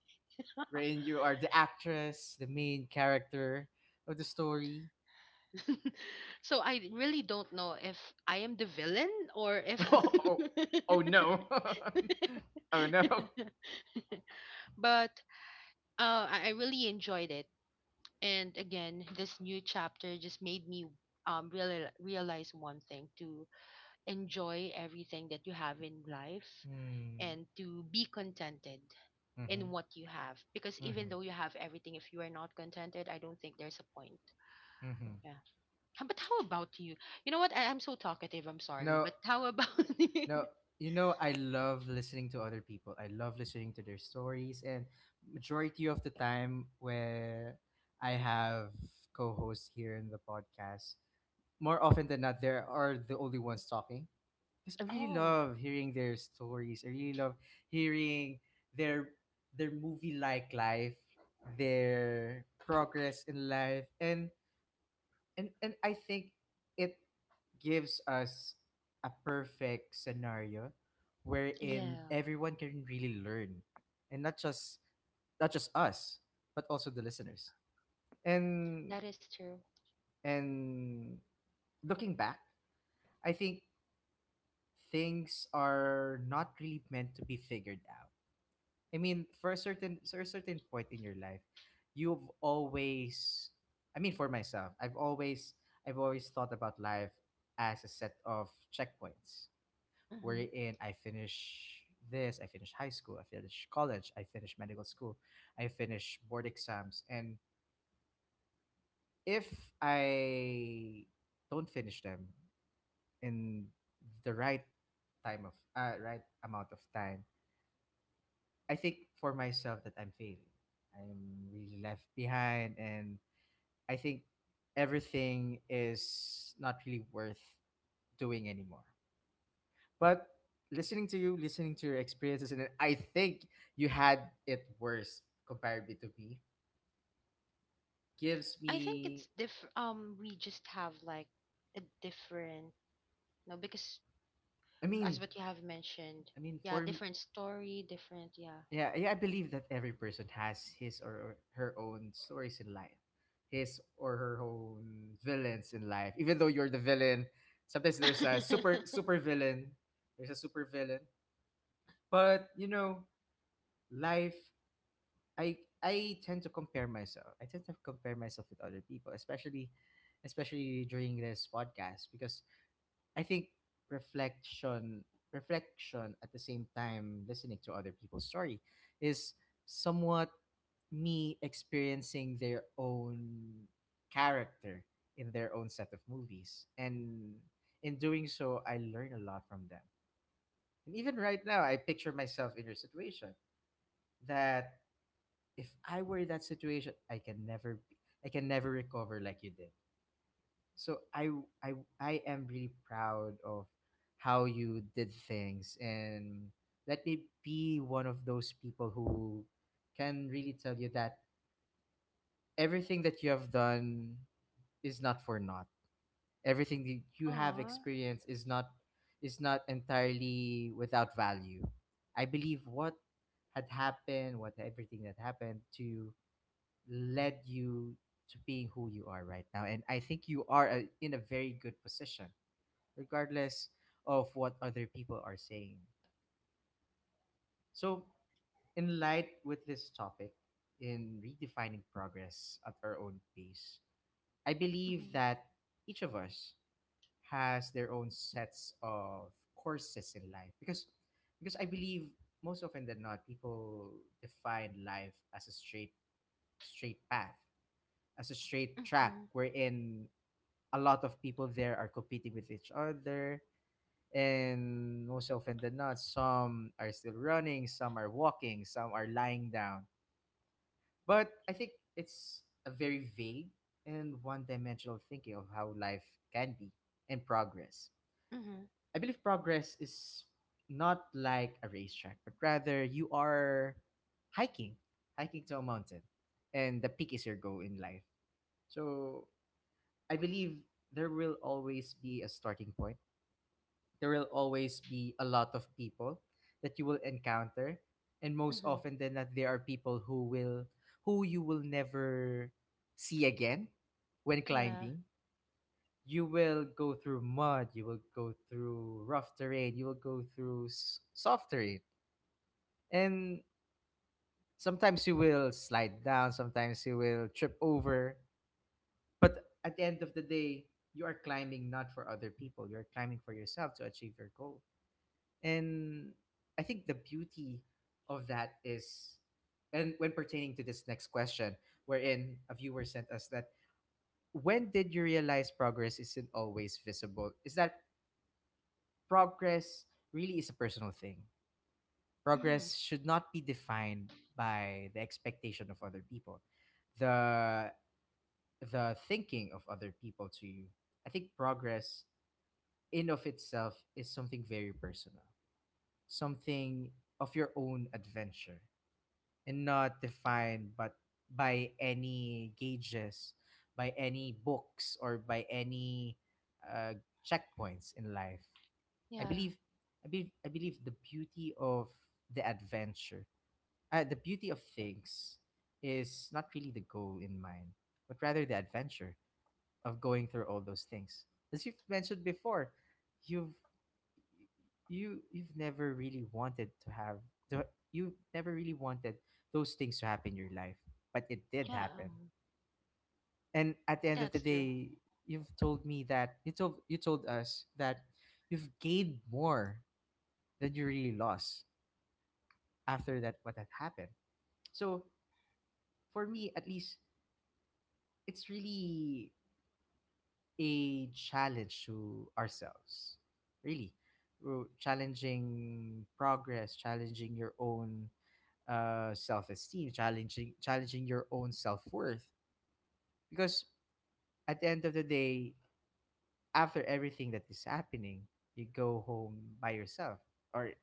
S1: wherein you are the actress, the main character of the story.
S2: So I really don't know if I am the villain or if
S1: Oh, oh, oh no. Oh no.
S2: but uh, I I really enjoyed it. And again, this new chapter just made me um real, realize one thing, to enjoy everything that you have in life
S1: Mm,
S2: and to be contented in
S1: mhm,
S2: what you have, because even
S1: mhm,
S2: though you have everything, if you are not contented, I don't think there's a point.
S1: mhm.
S2: Yeah. How- but how about you? You know what, I, I'm so talkative, I'm sorry,
S1: No,
S2: but how about you.
S1: no. You know, I love listening to other people. I love listening to their stories, and majority of the time where I have co-hosts here in the podcast, more often than not, there are the only ones talking, because I really
S2: Oh.
S1: love hearing their stories. I really love hearing their their movie like life, their progress in life, and and and I think it gives us a perfect scenario wherein
S2: Yeah,
S1: everyone can really learn, and not just, not just us, but also the listeners.
S2: that
S1: And
S2: is true.
S1: and looking back, I think things are not really meant to be figured out. I mean, for a certain, for a certain point in your life, you've always, I mean, for myself, I've always, I've always thought about life as a set of checkpoints
S2: Mm-hmm.
S1: wherein I finish this, I finish high school, I finish college, I finish medical school, I finish board exams. And if I don't finish them in the right time of, uh, right amount of time, I think for myself that I'm failing. I'm really left behind, and I think everything is not really worth doing anymore. But listening to you, listening to your experiences, and I think you had it worse comparatively to me, gives
S2: I think it's
S1: me,
S2: diff. Um, we just have like a different, no, because
S1: I
S2: as
S1: mean,
S2: what you have mentioned,
S1: I mean,
S2: yeah,
S1: for
S2: different story, different, yeah.
S1: Yeah, yeah, I believe that every person has his or her own stories in life, his or her own villains in life. Even though you're the villain, sometimes there's a super, super villain. There's a super villain, but, you know, life. I I tend to compare myself. I tend to compare myself with other people, especially, especially during this podcast, because I think reflection, reflection at the same time listening to other people's story is somewhat me experiencing their own character in their own set of movies, and in doing so I learn a lot from them. And even right now I picture myself in your situation, that if I were in that situation I can never be, I can never recover like you did. So I I I am really proud of how you did things, and let me be one of those people who can really tell you that everything that you have done is not for naught. Everything that you have
S2: Aw.
S1: experienced is not, is not entirely without value. I believe what had happened, what everything that happened to you led you to being who you are right now. And I think you are, uh, in a very good position regardless of what other people are saying. So, in light with this topic, in redefining progress at our own pace, I believe
S2: Mhm.
S1: that each of us has their own sets of courses in life because because I believe most often than not people define life as a straight, straight path, as a straight track
S2: Mhm.
S1: wherein a lot of people there are competing with each other. And most often than not, some are still running, some are walking, some are lying down. But I think it's a very vague and one dimensional thinking of how life can be and progress.
S2: Mhm.
S1: I believe progress is not like a racetrack, but rather you are hiking, hiking to a mountain, and the peak is your goal in life. So I believe there will always be a starting point, there will always be a lot of people that you will encounter, and most
S2: Mhm.
S1: often than that there are people who will, who you will never see again when
S2: Yeah.
S1: climbing. You will go through mud, you will go through rough terrain, you will go through s- soft terrain, and sometimes you will slide down, sometimes you will trip over, but at the end of the day you are climbing not for other people, you're climbing for yourself to achieve your goal. And I think the beauty of that is, and when pertaining to this next question, wherein a viewer sent us that, when did you realize progress isn't always visible? Is that progress really is a personal thing?
S2: Mhm.
S1: Progress should not be defined by the expectation of other people, the the thinking of other people to you. I think progress in of itself is something very personal, something of your own adventure and not defined but by any gauges, by any books, or by any, uh, checkpoints in life. i
S2: Yeah.
S1: believe i believe i believe the beauty of the adventure, uh, the beauty of things is not really the goal in mind but rather the adventure of going through all those things. As you've mentioned before, you've, you you've never really wanted to have the, you never really wanted those things to happen in your life, but it did
S2: Yeah.
S1: happen.
S2: Um,
S1: And at the end of the
S2: that's true.
S1: day, you've told me that you told you told us that you've gained more than you really lost after that, what had happened. So for me, at least, it's really a challenge to ourselves, really, Ro- challenging progress, challenging your own, uh, self-esteem, challenging challenging your own self-worth, because at the end of the day, after everything that is happening, you go home by yourself, or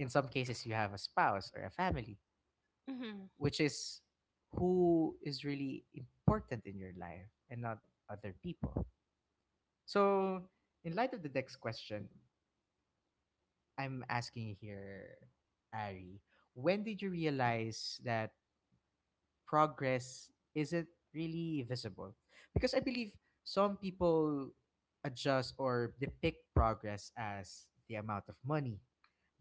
S1: in some cases you have a spouse or a family,
S2: Mhm.
S1: which is, who is really important in your life, and not other people. So in light of the next question I'm asking here, Ari, when did you realize that progress isn't really visible? Because I believe some people adjust or depict progress as the amount of money,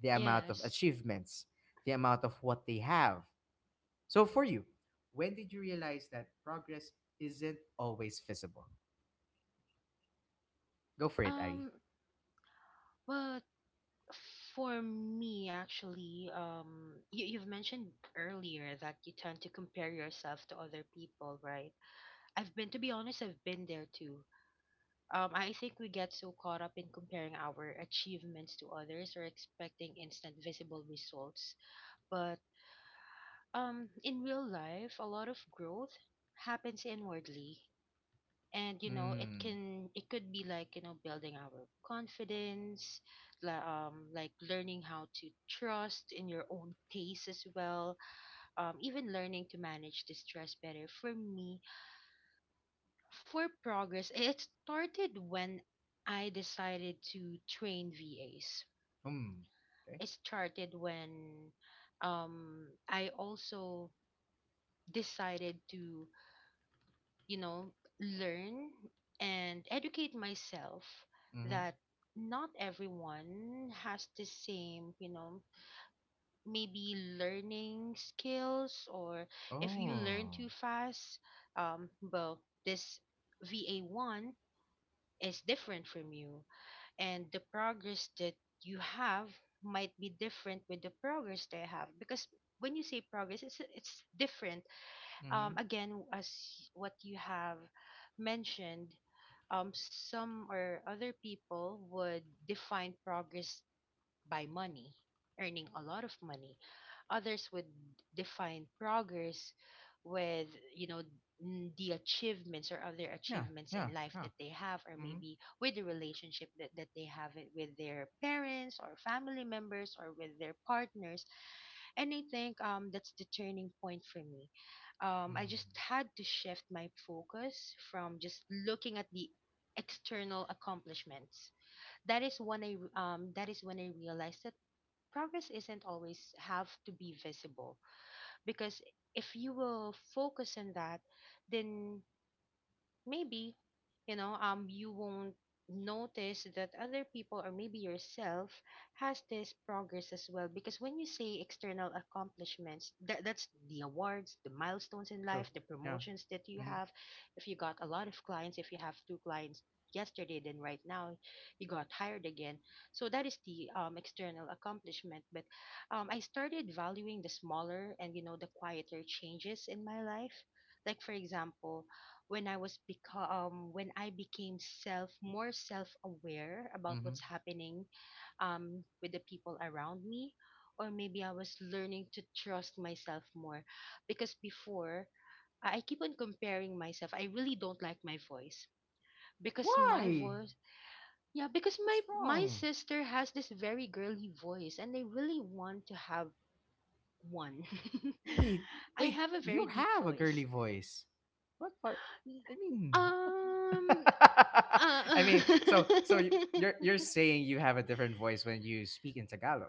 S1: the amount of
S2: Yes.
S1: achievements, the amount of what they have. So for you, when did you realize that progress isn't always visible? Go for it, Ari.
S2: Um, well, for me, actually, um, you, you've mentioned earlier that you tend to compare yourself to other people, right? I've been, to be honest, I've been there too. Um, I think we get so caught up in comparing our achievements to others or expecting instant visible results. But um, in real life, a lot of growth happens inwardly. And you know, it
S1: Mm.
S2: can it could be like, you know, building our confidence, like um like learning how to trust in your own pace as well, um even learning to manage the stress better. For me, for progress, it started when I decided to train VAs.
S1: Hmm. Okay.
S2: It started when um i also decided to, you know, learn and educate myself
S1: Mm-hmm.
S2: that not everyone has the same, you know, maybe learning skills, or if you learn too
S1: Oh.
S2: fast, um, well, this V A one is different from you, and the progress that you have might be different with the progress they have, because when you say progress, it's it's different.
S1: Mm-hmm.
S2: Um again, as what you have mentioned, um, some or other people would define progress by money, earning a lot of money. Others would define progress with, you know, n- the achievements or other
S1: Yeah.
S2: achievements in
S1: Yeah.
S2: life
S1: Yeah.
S2: that they have, or
S1: Mm-hmm.
S2: maybe with the relationship that, that they have it with their parents or family members or with their partners. And I think um that's the turning point for me. Um, I just
S1: Mm.
S2: had to shift my focus from just looking at the external accomplishments. That is when I re- um that is when I realized that progress isn't always have to be visible, because if you will focus on that, then maybe, you know, um you won't notice that other people or maybe yourself has this progress as well. Because when you say external accomplishments, that that's the awards, the milestones in
S1: True.
S2: life, the
S1: Yeah.
S2: promotions that you
S1: Mm-hmm.
S2: have, if you got a lot of clients, if you have two clients yesterday, then right now you got hired again. So that is the um, external accomplishment. But um, I started valuing the smaller and, you know, the quieter changes in my life. Like for example, when I was become when I became self, more self aware about
S1: Mm-hmm.
S2: what's happening um with the people around me, or maybe I was learning to trust myself more. Because before, I I keep on comparing myself. I really don't like my voice because my
S1: Why?
S2: voice yeah because my
S1: What's
S2: my
S1: wrong?
S2: sister has this very girly voice and I really want to have one.
S1: Wait,
S2: I
S1: wait,
S2: have a
S1: you
S2: very deep
S1: have a
S2: voice.
S1: girly voice. What part? I mean,
S2: Um,
S1: I mean,
S2: Uh,
S1: so so y- you're you're saying you have a different voice when you speak in Tagalog,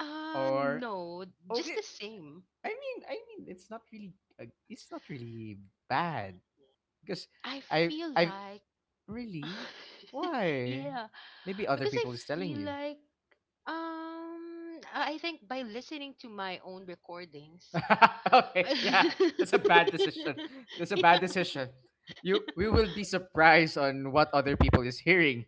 S2: uh
S1: or
S2: no,
S1: oh,
S2: just
S1: it,
S2: the same.
S1: I mean, I mean, it's not really, uh, it's not really bad because
S2: I
S1: I
S2: feel
S1: I
S2: like
S1: really why
S2: yeah,
S1: maybe other
S2: because I
S1: people is telling
S2: feel
S1: you.
S2: like um I I think by listening to my own recordings
S1: Okay,
S2: I
S1: yeah, that's a bad decision. That's a bad
S2: yeah.
S1: decision. You, we will be surprised on what other people is hearing.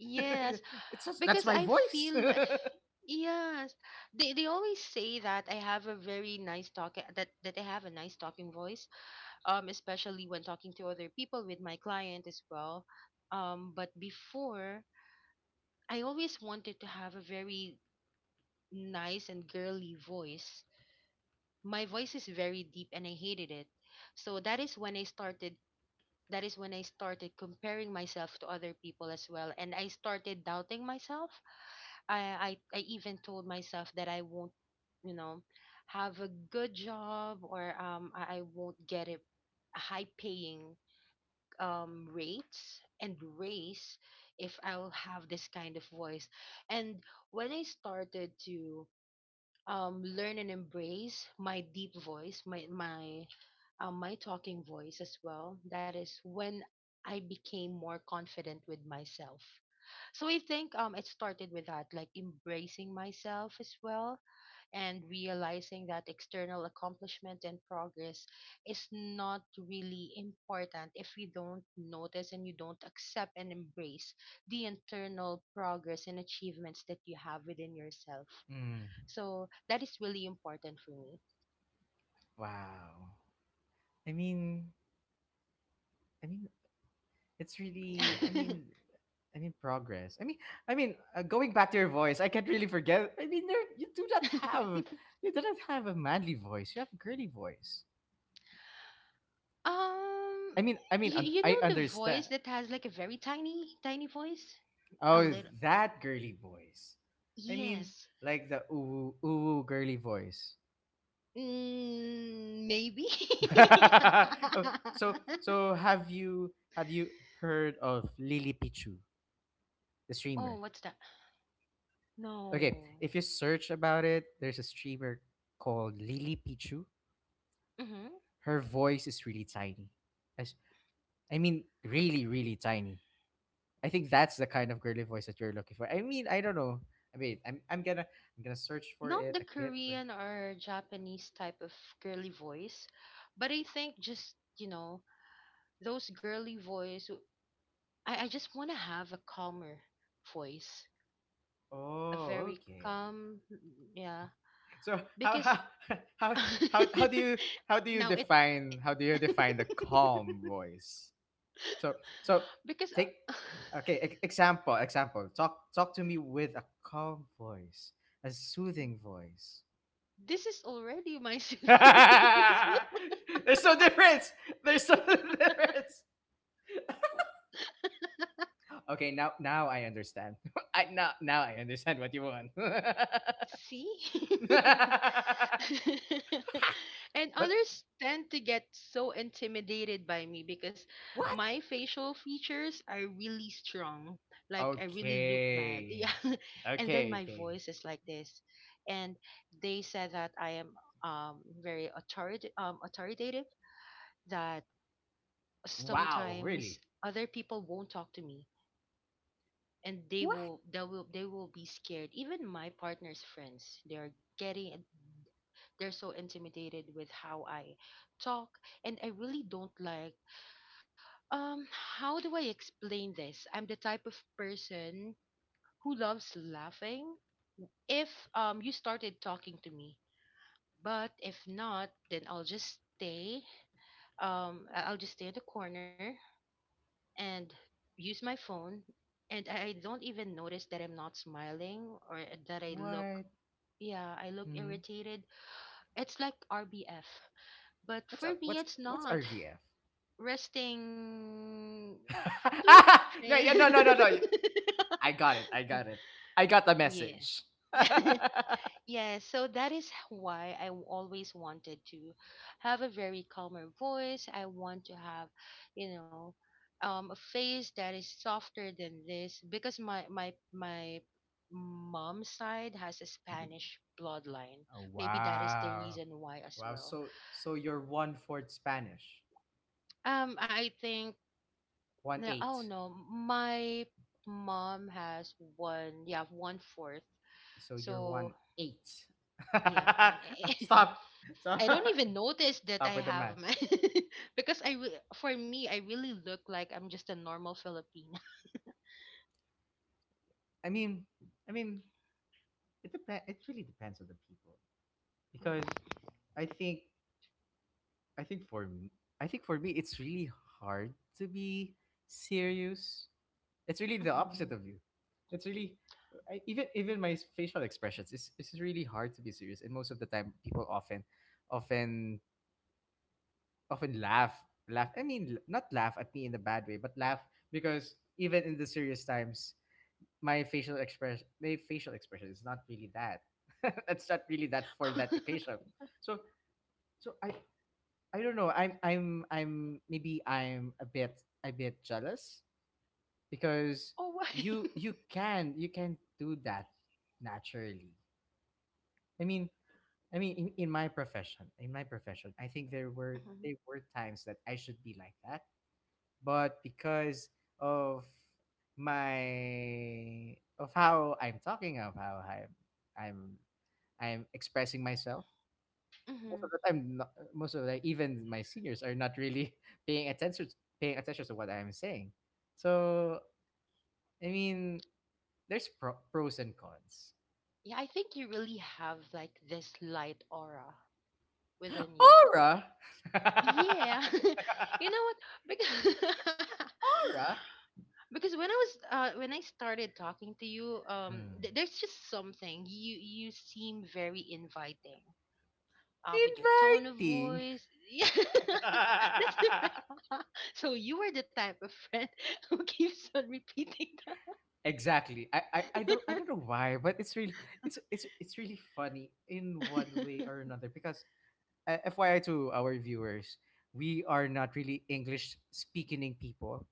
S2: Yes,
S1: It's just that's
S2: because
S1: my
S2: I
S1: voice.
S2: feel like yes. They they always say that I have a very nice talk that that I have a nice talking voice, um, especially when talking to other people with my client as well. Um, but before, I always wanted to have a very nice and girly voice. My voice is very deep and I hated it. So that is when I started that is when I started comparing myself to other people as well, and I started doubting myself. I I, I even told myself that I won't, you know, have a good job, or um I I won't get a high paying um rates and race if I'll have this kind of voice. And when I started to um learn and embrace my deep voice, my my um, my talking voice as well, that is when I became more confident with myself. So I think um it started with that, like embracing myself as well, and realizing that external accomplishment and progress is not really important if you don't notice and you don't accept and embrace the internal progress and achievements that you have within yourself.
S1: Hmm.
S2: So that is really important for me.
S1: Wow. I mean, I mean, it's really. I mean, I mean progress. I mean, I mean, uh, going back to your voice, I can't really forget. I mean, there, you do not have, you do not have a manly voice. You have a girly voice. I
S2: um,
S1: mean, I mean,
S2: you,
S1: un-
S2: you
S1: I
S2: know the
S1: understand.
S2: voice that has like a very tiny, tiny voice? A
S1: Oh,
S2: little.
S1: that girly voice. I mean,
S2: Yes.
S1: like the ooh ooh girly voice.
S2: Mm, maybe.
S1: Oh, so so have you, have you heard of Lily Pichu, the
S2: Oh,
S1: streamer?
S2: what's that?
S1: Okay,
S2: No.
S1: if you search about it, there's a streamer called Lily Pichu.
S2: Mm-hmm.
S1: Her voice is really tiny. I, s- I mean, really, really tiny. I think that's the kind of girly voice that you're looking for. I mean, I don't know. I mean, I'm I'm gonna I'm gonna search for
S2: Not
S1: it
S2: the
S1: a clip. Or-
S2: Korean or Japanese type of girly voice, but I think just, you know, those girly voice, w- I, I just want to have a calmer voice, a
S1: Oh,
S2: very
S1: okay.
S2: calm, yeah,
S1: So how
S2: because
S1: how how how how do you how do you
S2: now it,
S1: define how do you define the calm voice? So so
S2: because
S1: take
S2: uh,
S1: okay e- example example talk, talk to me with a calm voice, a soothing voice.
S2: this is already my
S1: There's
S2: soothing voice.
S1: no difference. There's no difference. Okay, now now I understand. I now now I understand what you want.
S2: See? And
S1: but
S2: others tend to get so intimidated by me because
S1: what?
S2: my facial features are really strong. Like I really look mad.
S1: Okay.
S2: Yeah. And then
S1: Okay,
S2: my
S1: okay.
S2: voice is like this. And they said that I am um very authoritative um authoritative, that
S1: Wow,
S2: sometimes
S1: really?
S2: other people won't talk to me, and they
S1: What?
S2: will they will they will be scared. Even my partner's friends, they are getting they're so intimidated with how I talk, and I really don't like. Um, how do I explain this? I'm the type of person who loves laughing. If um you started talking to me, but if not, then I'll just stay. Um, I- I'll just stay in the corner and use my phone, and I I don't even notice that I'm not smiling or that I look.
S1: What?
S2: Yeah, I look
S1: Hmm.
S2: irritated. It's like R B F, but
S1: What's
S2: for
S1: R-,
S2: me,
S1: what's
S2: it's
S1: what's
S2: not.
S1: R V F?
S2: Resting two
S1: No,
S2: three
S1: yeah, no, no, no, no. I got it. I got it. I got the
S2: yeah.
S1: message.
S2: Yeah, so that is why I w- always wanted to have a very calmer voice. I want to have, you know, um, a face that is softer than this, because my my my mom's side has a Spanish bloodline.
S1: Oh,
S2: Maybe that is the
S1: wow,
S2: reason why as
S1: wow.
S2: well.
S1: So so you're one fourth Spanish,
S2: Um, I think
S1: one
S2: no, oh
S1: eight.
S2: no, my mom has one, yeah, one fourth.
S1: So you're
S2: So
S1: one eight.
S2: yeah, one.
S1: Stop, stop,
S2: I don't even notice that
S1: stop
S2: I
S1: with the
S2: have
S1: math.
S2: my because I re- for me I really look like I'm just a normal Filipina.
S1: I mean, I mean, it depends. It really depends on the people because I think, I think for me, I think for me, it's really hard to be serious. It's really the opposite
S2: Mhm.
S1: of you. It's really I, even even my facial expressions. It's it's really hard to be serious, and most of the time, people often, often, often laugh, laugh. I mean, l- not laugh at me in a bad way, but laugh because even in the serious times, my facial express, my facial expression is not really that. That's not really that for that occasion. So so I I don't know. I'm I'm I'm maybe I'm a bit a bit jealous because
S2: Oh why?
S1: you you can you can do that naturally. I mean I mean in, in my profession, in my profession, I think there were
S2: Mhm.
S1: there were times that I should be like that. But because of my of how I'm talking, of how I'm I'm I'm expressing myself, most
S2: Mhm.
S1: of the time no- most of the even my seniors are not really paying attention paying attention to what I'm saying. So I mean, there's pro- pros and cons.
S2: Yeah, I think you really have like this light aura within you.
S1: Aura,
S2: Yeah. You know what? Because
S1: aura,
S2: because when I was uh when I started talking to you, um,
S1: Hmm.
S2: th- there's just something, you you seem very inviting. Uh, with your tone of
S1: inviting.
S2: voice, yeah. That's so you are the type of friend who keeps on repeating
S1: exactly. I, I I don't I
S2: that.
S1: don't know why, but it's really it's it's it's really funny in one way or another because uh, F Y I to our viewers, we are not really English speaking people.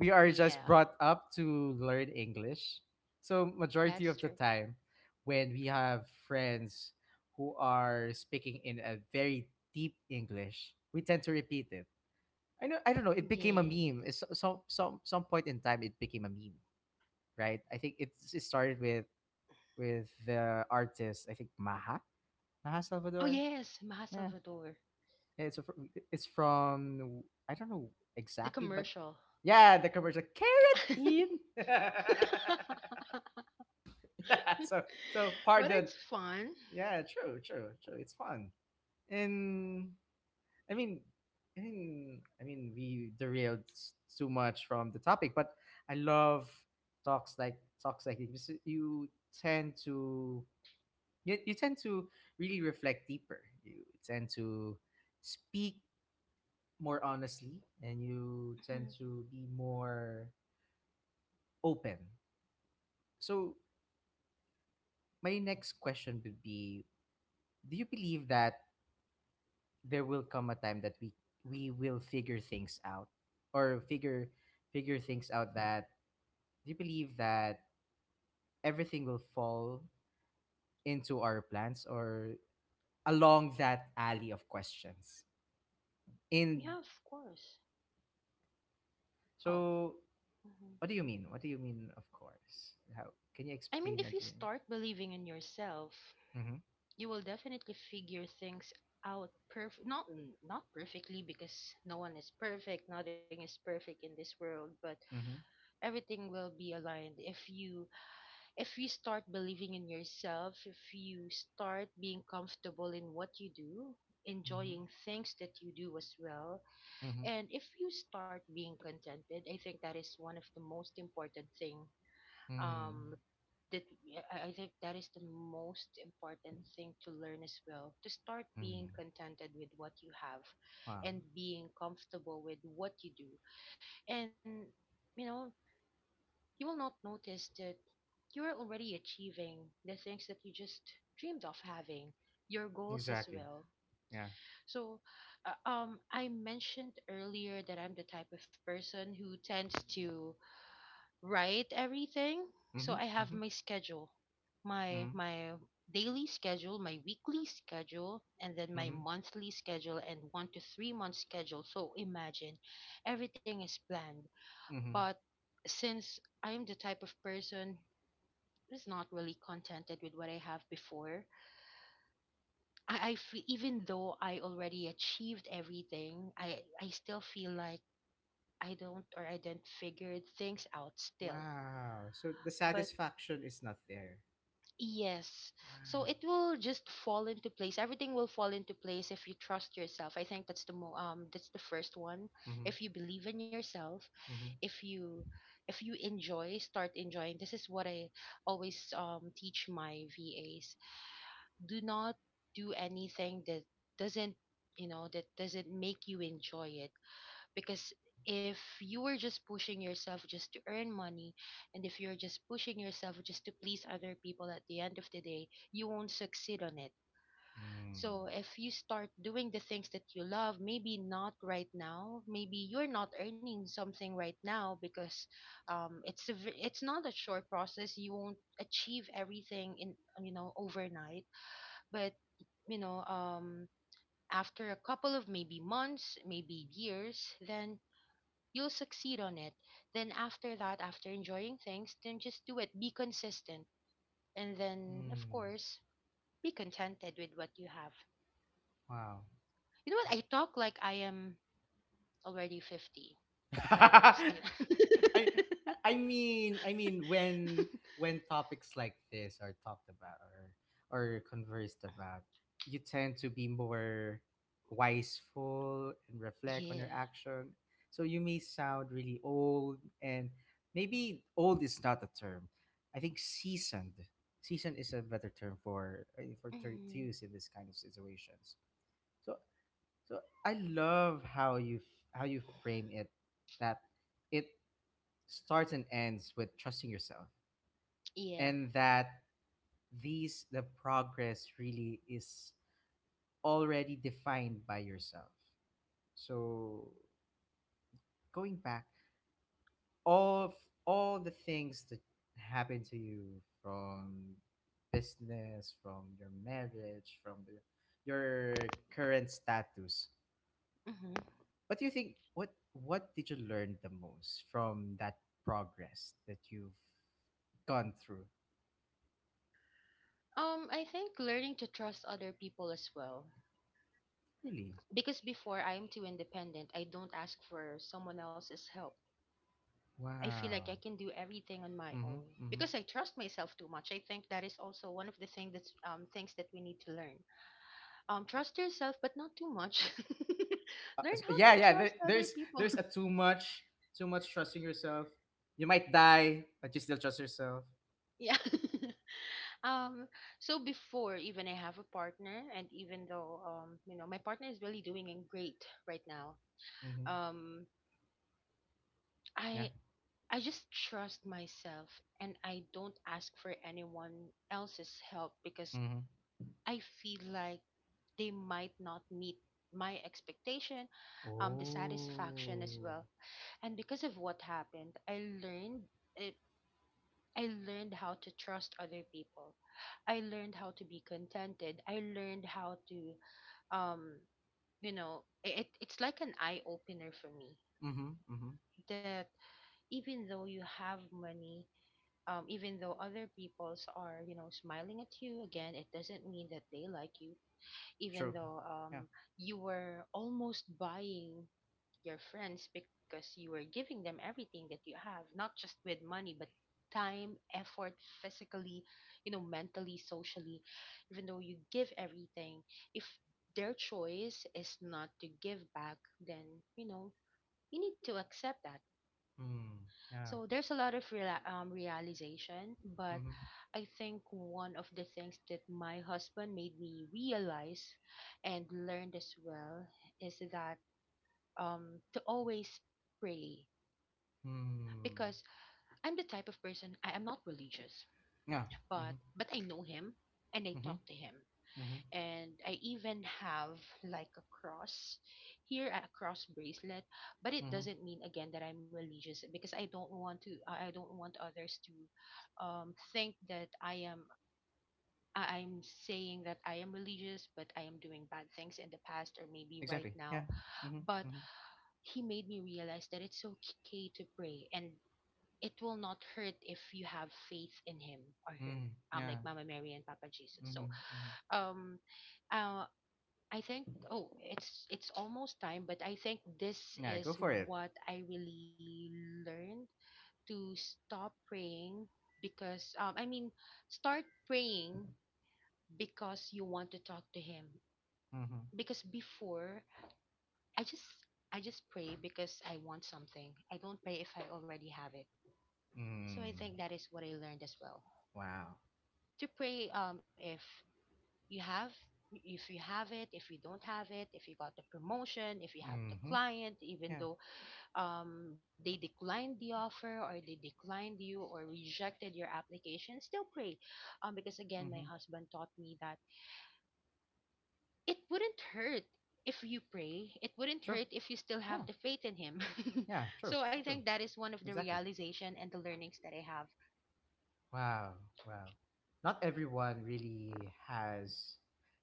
S1: We are just
S2: Yeah,
S1: brought up to learn English. So majority
S2: that's
S1: of the
S2: true.
S1: time when we have friends who are speaking in a very deep English, we tend to repeat it. I know I don't know, it became a
S2: Yes.
S1: meme. It's so- some some some point in time it became a meme, right? I think it, it started with with the artist, I think Maha, Maha
S2: Oh
S1: Salvador.
S2: yes, Maha
S1: Yeah.
S2: Salvador,
S1: Yeah, It's a, it's from I don't know
S2: the
S1: exactly, but
S2: commercial.
S1: yeah, the commercial
S2: Yeah.
S1: carotene. yeah, so so
S2: But
S1: pardon.
S2: it's fun.
S1: Yeah, true, true, true. It's fun, and I mean, I mean, I mean, we derailed s- too much from the topic, but I love talks like talks like this. Because you tend to you, you tend to really reflect deeper. You tend to speak more honestly and you
S2: Mhm.
S1: tend to be more open. So, my next question would be, do you believe that there will come a time that we we will figure things out or figure figure things out? That, do you believe that everything will fall into our plans or along that alley of questions? In
S2: Yeah, of course. Oh.
S1: so
S2: Mm-hmm.
S1: what do you mean? What do you mean of course? How can you
S2: I mean,
S1: explain
S2: if
S1: that?
S2: you
S1: Mm-hmm.
S2: start believing in yourself,
S1: Mm-hmm.
S2: you will definitely figure things out. Perf Not not perfectly, because no one is perfect, nothing is perfect in this world, but
S1: Mm-hmm.
S2: everything will be aligned if you, if you start believing in yourself, if you start being comfortable in what you do, enjoying things that you do as well,
S1: Mm-hmm.
S2: and if you start being contented. I think that is one of the most important thing, um
S1: Mm.
S2: that yeah, I I think that is the most important thing to learn as well. To start being
S1: Mm.
S2: contented with what you have
S1: Wow.
S2: and being comfortable with what you do. And you know, you will not notice that you're already achieving the things that you just dreamed of having, your goals as
S1: Exactly.
S2: well.
S1: Yeah.
S2: So, uh, um I mentioned earlier that I'm the type of person who tends to write everything. So
S1: Mhm.
S2: I have
S1: Mhm.
S2: my schedule, my
S1: Mhm.
S2: my daily schedule, my weekly schedule, and then my
S1: Mhm.
S2: monthly schedule and one to three month schedule. So imagine everything is planned.
S1: Mhm.
S2: But since I'm the type of person who's not really contented with what I have before, I, I feel even though I already achieved everything, I I still feel like I don't, or I didn't figure things out still.
S1: Wow. So the
S2: But
S1: satisfaction is not there.
S2: yes. So
S1: Wow.
S2: it will just fall into place. Everything will fall into place if you trust yourself. I think that's the mo- um that's the first one.
S1: Mhm.
S2: If you believe in yourself,
S1: Mhm.
S2: if you, if you enjoy, start enjoying. This is what I always um teach my V As. Do not do anything that doesn't, you know, that doesn't make you enjoy it, because if you were just pushing yourself just to earn money, and if you're just pushing yourself just to please other people, at the end of the day you won't succeed on it.
S1: Mm.
S2: So if you start doing the things that you love, maybe not right now, maybe you're not earning something right now, because um it's a, v- it's not a short process, you won't achieve everything in, you know, overnight, but, you know, um after a couple of maybe months, maybe years, then you'll succeed on it. Then after that, after enjoying things, then just do it. Be consistent. And then, of
S1: Mm.
S2: course, be contented with what you have.
S1: Wow.
S2: You know what? I talk like I am already fifty, but I'm just still.
S1: I I mean I mean when when topics like this are talked about or or conversed about, you tend to be more wiseful and reflect on your
S2: Yeah.
S1: action. So you may sound really old, and maybe old is not a term. I think seasoned. Seasoned is a better term for uh, for ter- to use
S2: Hmm.
S1: in this kind of situations. So so I love how you f- how you frame it, that it starts and ends with trusting yourself,
S2: Yeah.
S1: and that these the progress really is already defined by yourself. So going back, all of all the things that happen to you from business, from your marriage, from the, your current status,
S2: Hmm.
S1: what do you think? What What did you learn the most from that progress that you've gone through?
S2: Um, I think learning to trust other people as well.
S1: Really?
S2: Because before I am too independent, I don't ask for someone else's help. I feel like I
S1: Wow.
S2: can do everything on my
S1: Mm-hmm.
S2: own
S1: Mm-hmm.
S2: because I trust myself too much. I think that is also one of the thing that's um, things that we need to learn. Um, trust yourself, but not too much.
S1: Uh,
S2: Learn
S1: s-
S2: how to
S1: yeah, yeah. There,
S2: trust other
S1: there's
S2: people.
S1: there's a too much, too much trusting yourself. You might die, but you still trust yourself.
S2: Yeah. Um, so before even I have a partner, and even though um, you know, my partner is really doing it great right now.
S1: Mm-hmm.
S2: Um, I
S1: Yeah.
S2: I just trust myself, and I don't ask for anyone else's help because
S1: Mm-hmm.
S2: I feel like they might not meet my expectation, um, the satisfaction as
S1: Oh.
S2: well. And because of what happened, I learned it. I learned how to trust other people. I learned how to be contented. I learned how to, um, you know, it, it's like an eye opener for me
S1: Mm-hmm. Mm-hmm.
S2: that even though you have money, um, even though other people's are, you know, smiling at you, again, it doesn't mean that they like you. Even
S1: True.
S2: though um
S1: Yeah.
S2: you were almost buying your friends, because you were giving them everything that you have, not just with money, but time, effort, physically, you know, mentally, socially, even though you give everything, if their choice is not to give back, then, you know, you need to accept that.
S1: Mm. Yeah.
S2: So there's a lot of reala- um, realization, but
S1: Mm-hmm.
S2: I think one of the things that my husband made me realize and learned as well is that, um to always pray,
S1: Mm.
S2: because I'm the type of person, I am not religious,
S1: Yeah.
S2: but
S1: Mm-hmm.
S2: but I know him and I
S1: Mm-hmm.
S2: talk to him,
S1: Mm-hmm.
S2: and I even have like a cross here, a cross bracelet, but it
S1: Mm-hmm.
S2: doesn't mean again that I'm religious, because I don't want to, I I don't want others to um, think that I am, I- I'm saying that I am religious but I am doing bad things in the past or maybe right
S1: Exactly. Yeah.
S2: now.
S1: Mhm.
S2: But
S1: Mhm.
S2: he made me realize that it's okay to pray, and it will not hurt if you have faith in him or her.
S1: Mhm.
S2: Um,
S1: Yeah.
S2: like Mama Mary and Papa Jesus. So,
S1: Mhm. Mhm.
S2: um, uh, I think, oh, it's it's almost time, but I think this
S1: Yeah. Go
S2: is
S1: for it.
S2: what I really learned. To stop praying because, um, I mean, start praying because you want to talk to him.
S1: Mhm.
S2: Because before I just I just pray because I want something. I don't pray if I already have it. So I
S1: Mm.
S2: think that is what I learned as well.
S1: Wow.
S2: To pray um if you have, if you have it, if you don't have it, if you got the promotion, if you have the
S1: Mhm.
S2: client, even
S1: Yeah.
S2: though um they declined the offer or they declined you or rejected your application, still pray. Um, because again my
S1: Mhm.
S2: husband taught me that it wouldn't hurt if you pray, it wouldn't
S1: True.
S2: hurt if you still have
S1: Yeah.
S2: the faith in him.
S1: Yeah. True.
S2: So I think
S1: True.
S2: that is one of the
S1: Exactly.
S2: realization and the learnings that I have.
S1: Wow. Wow. Not everyone really has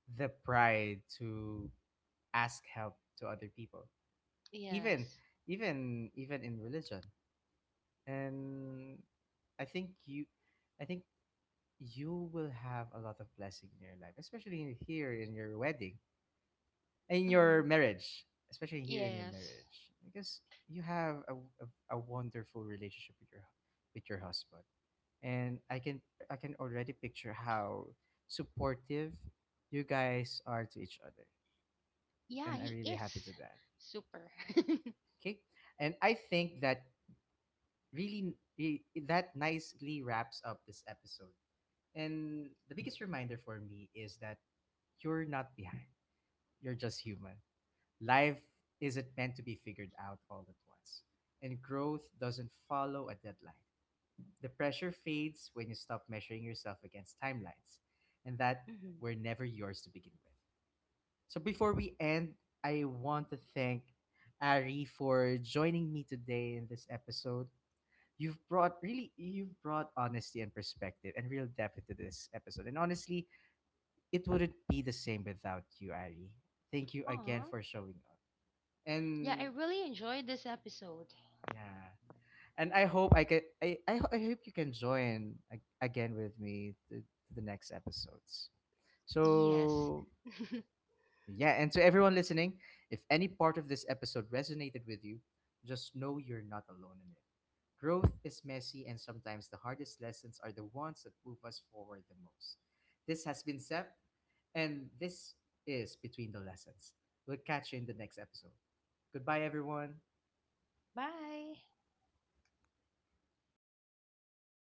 S1: the pride to ask help to other people, even,
S2: Yes.
S1: even, even in religion. And I think you, I think you will have a lot of blessing in your life, especially here in your wedding, in
S2: Hmm.
S1: your marriage, especially here in your
S2: Yes.
S1: marriage, because you have a, a, a wonderful relationship with your with your husband, and I can I can already picture how supportive you guys are to each other,
S2: Yeah,
S1: and I'm
S2: he is
S1: really happy to that.
S2: super.
S1: Okay, and I think that really i- that nicely wraps up this episode. And the biggest reminder for me is that you're not behind. You're just human. Life isn't meant to be figured out all at once. And growth doesn't follow a deadline. The pressure fades when you stop measuring yourself against timelines, and that
S2: Mm-hmm.
S1: were never yours to begin with. So before we end, I want to thank Ari for joining me today in this episode. You've brought really you've brought honesty and perspective and real depth into this episode. And honestly, it wouldn't be the same without you, Ari. Thank you again
S2: Aw.
S1: for showing up.
S2: Yeah, I
S1: And
S2: really enjoyed this episode.
S1: yeah. And I hope I can I, I, ho- I hope you can join a- again with me to, to the next episodes.
S2: Yes.
S1: So yeah, and to everyone listening, if any part of this episode resonated with you, just know you're not alone in it. Growth is messy, and sometimes the hardest lessons are the ones that move us forward the most. This has been Sep, and this is Between the Lessons. We'll catch you in the next episode. Goodbye, everyone.
S2: Bye.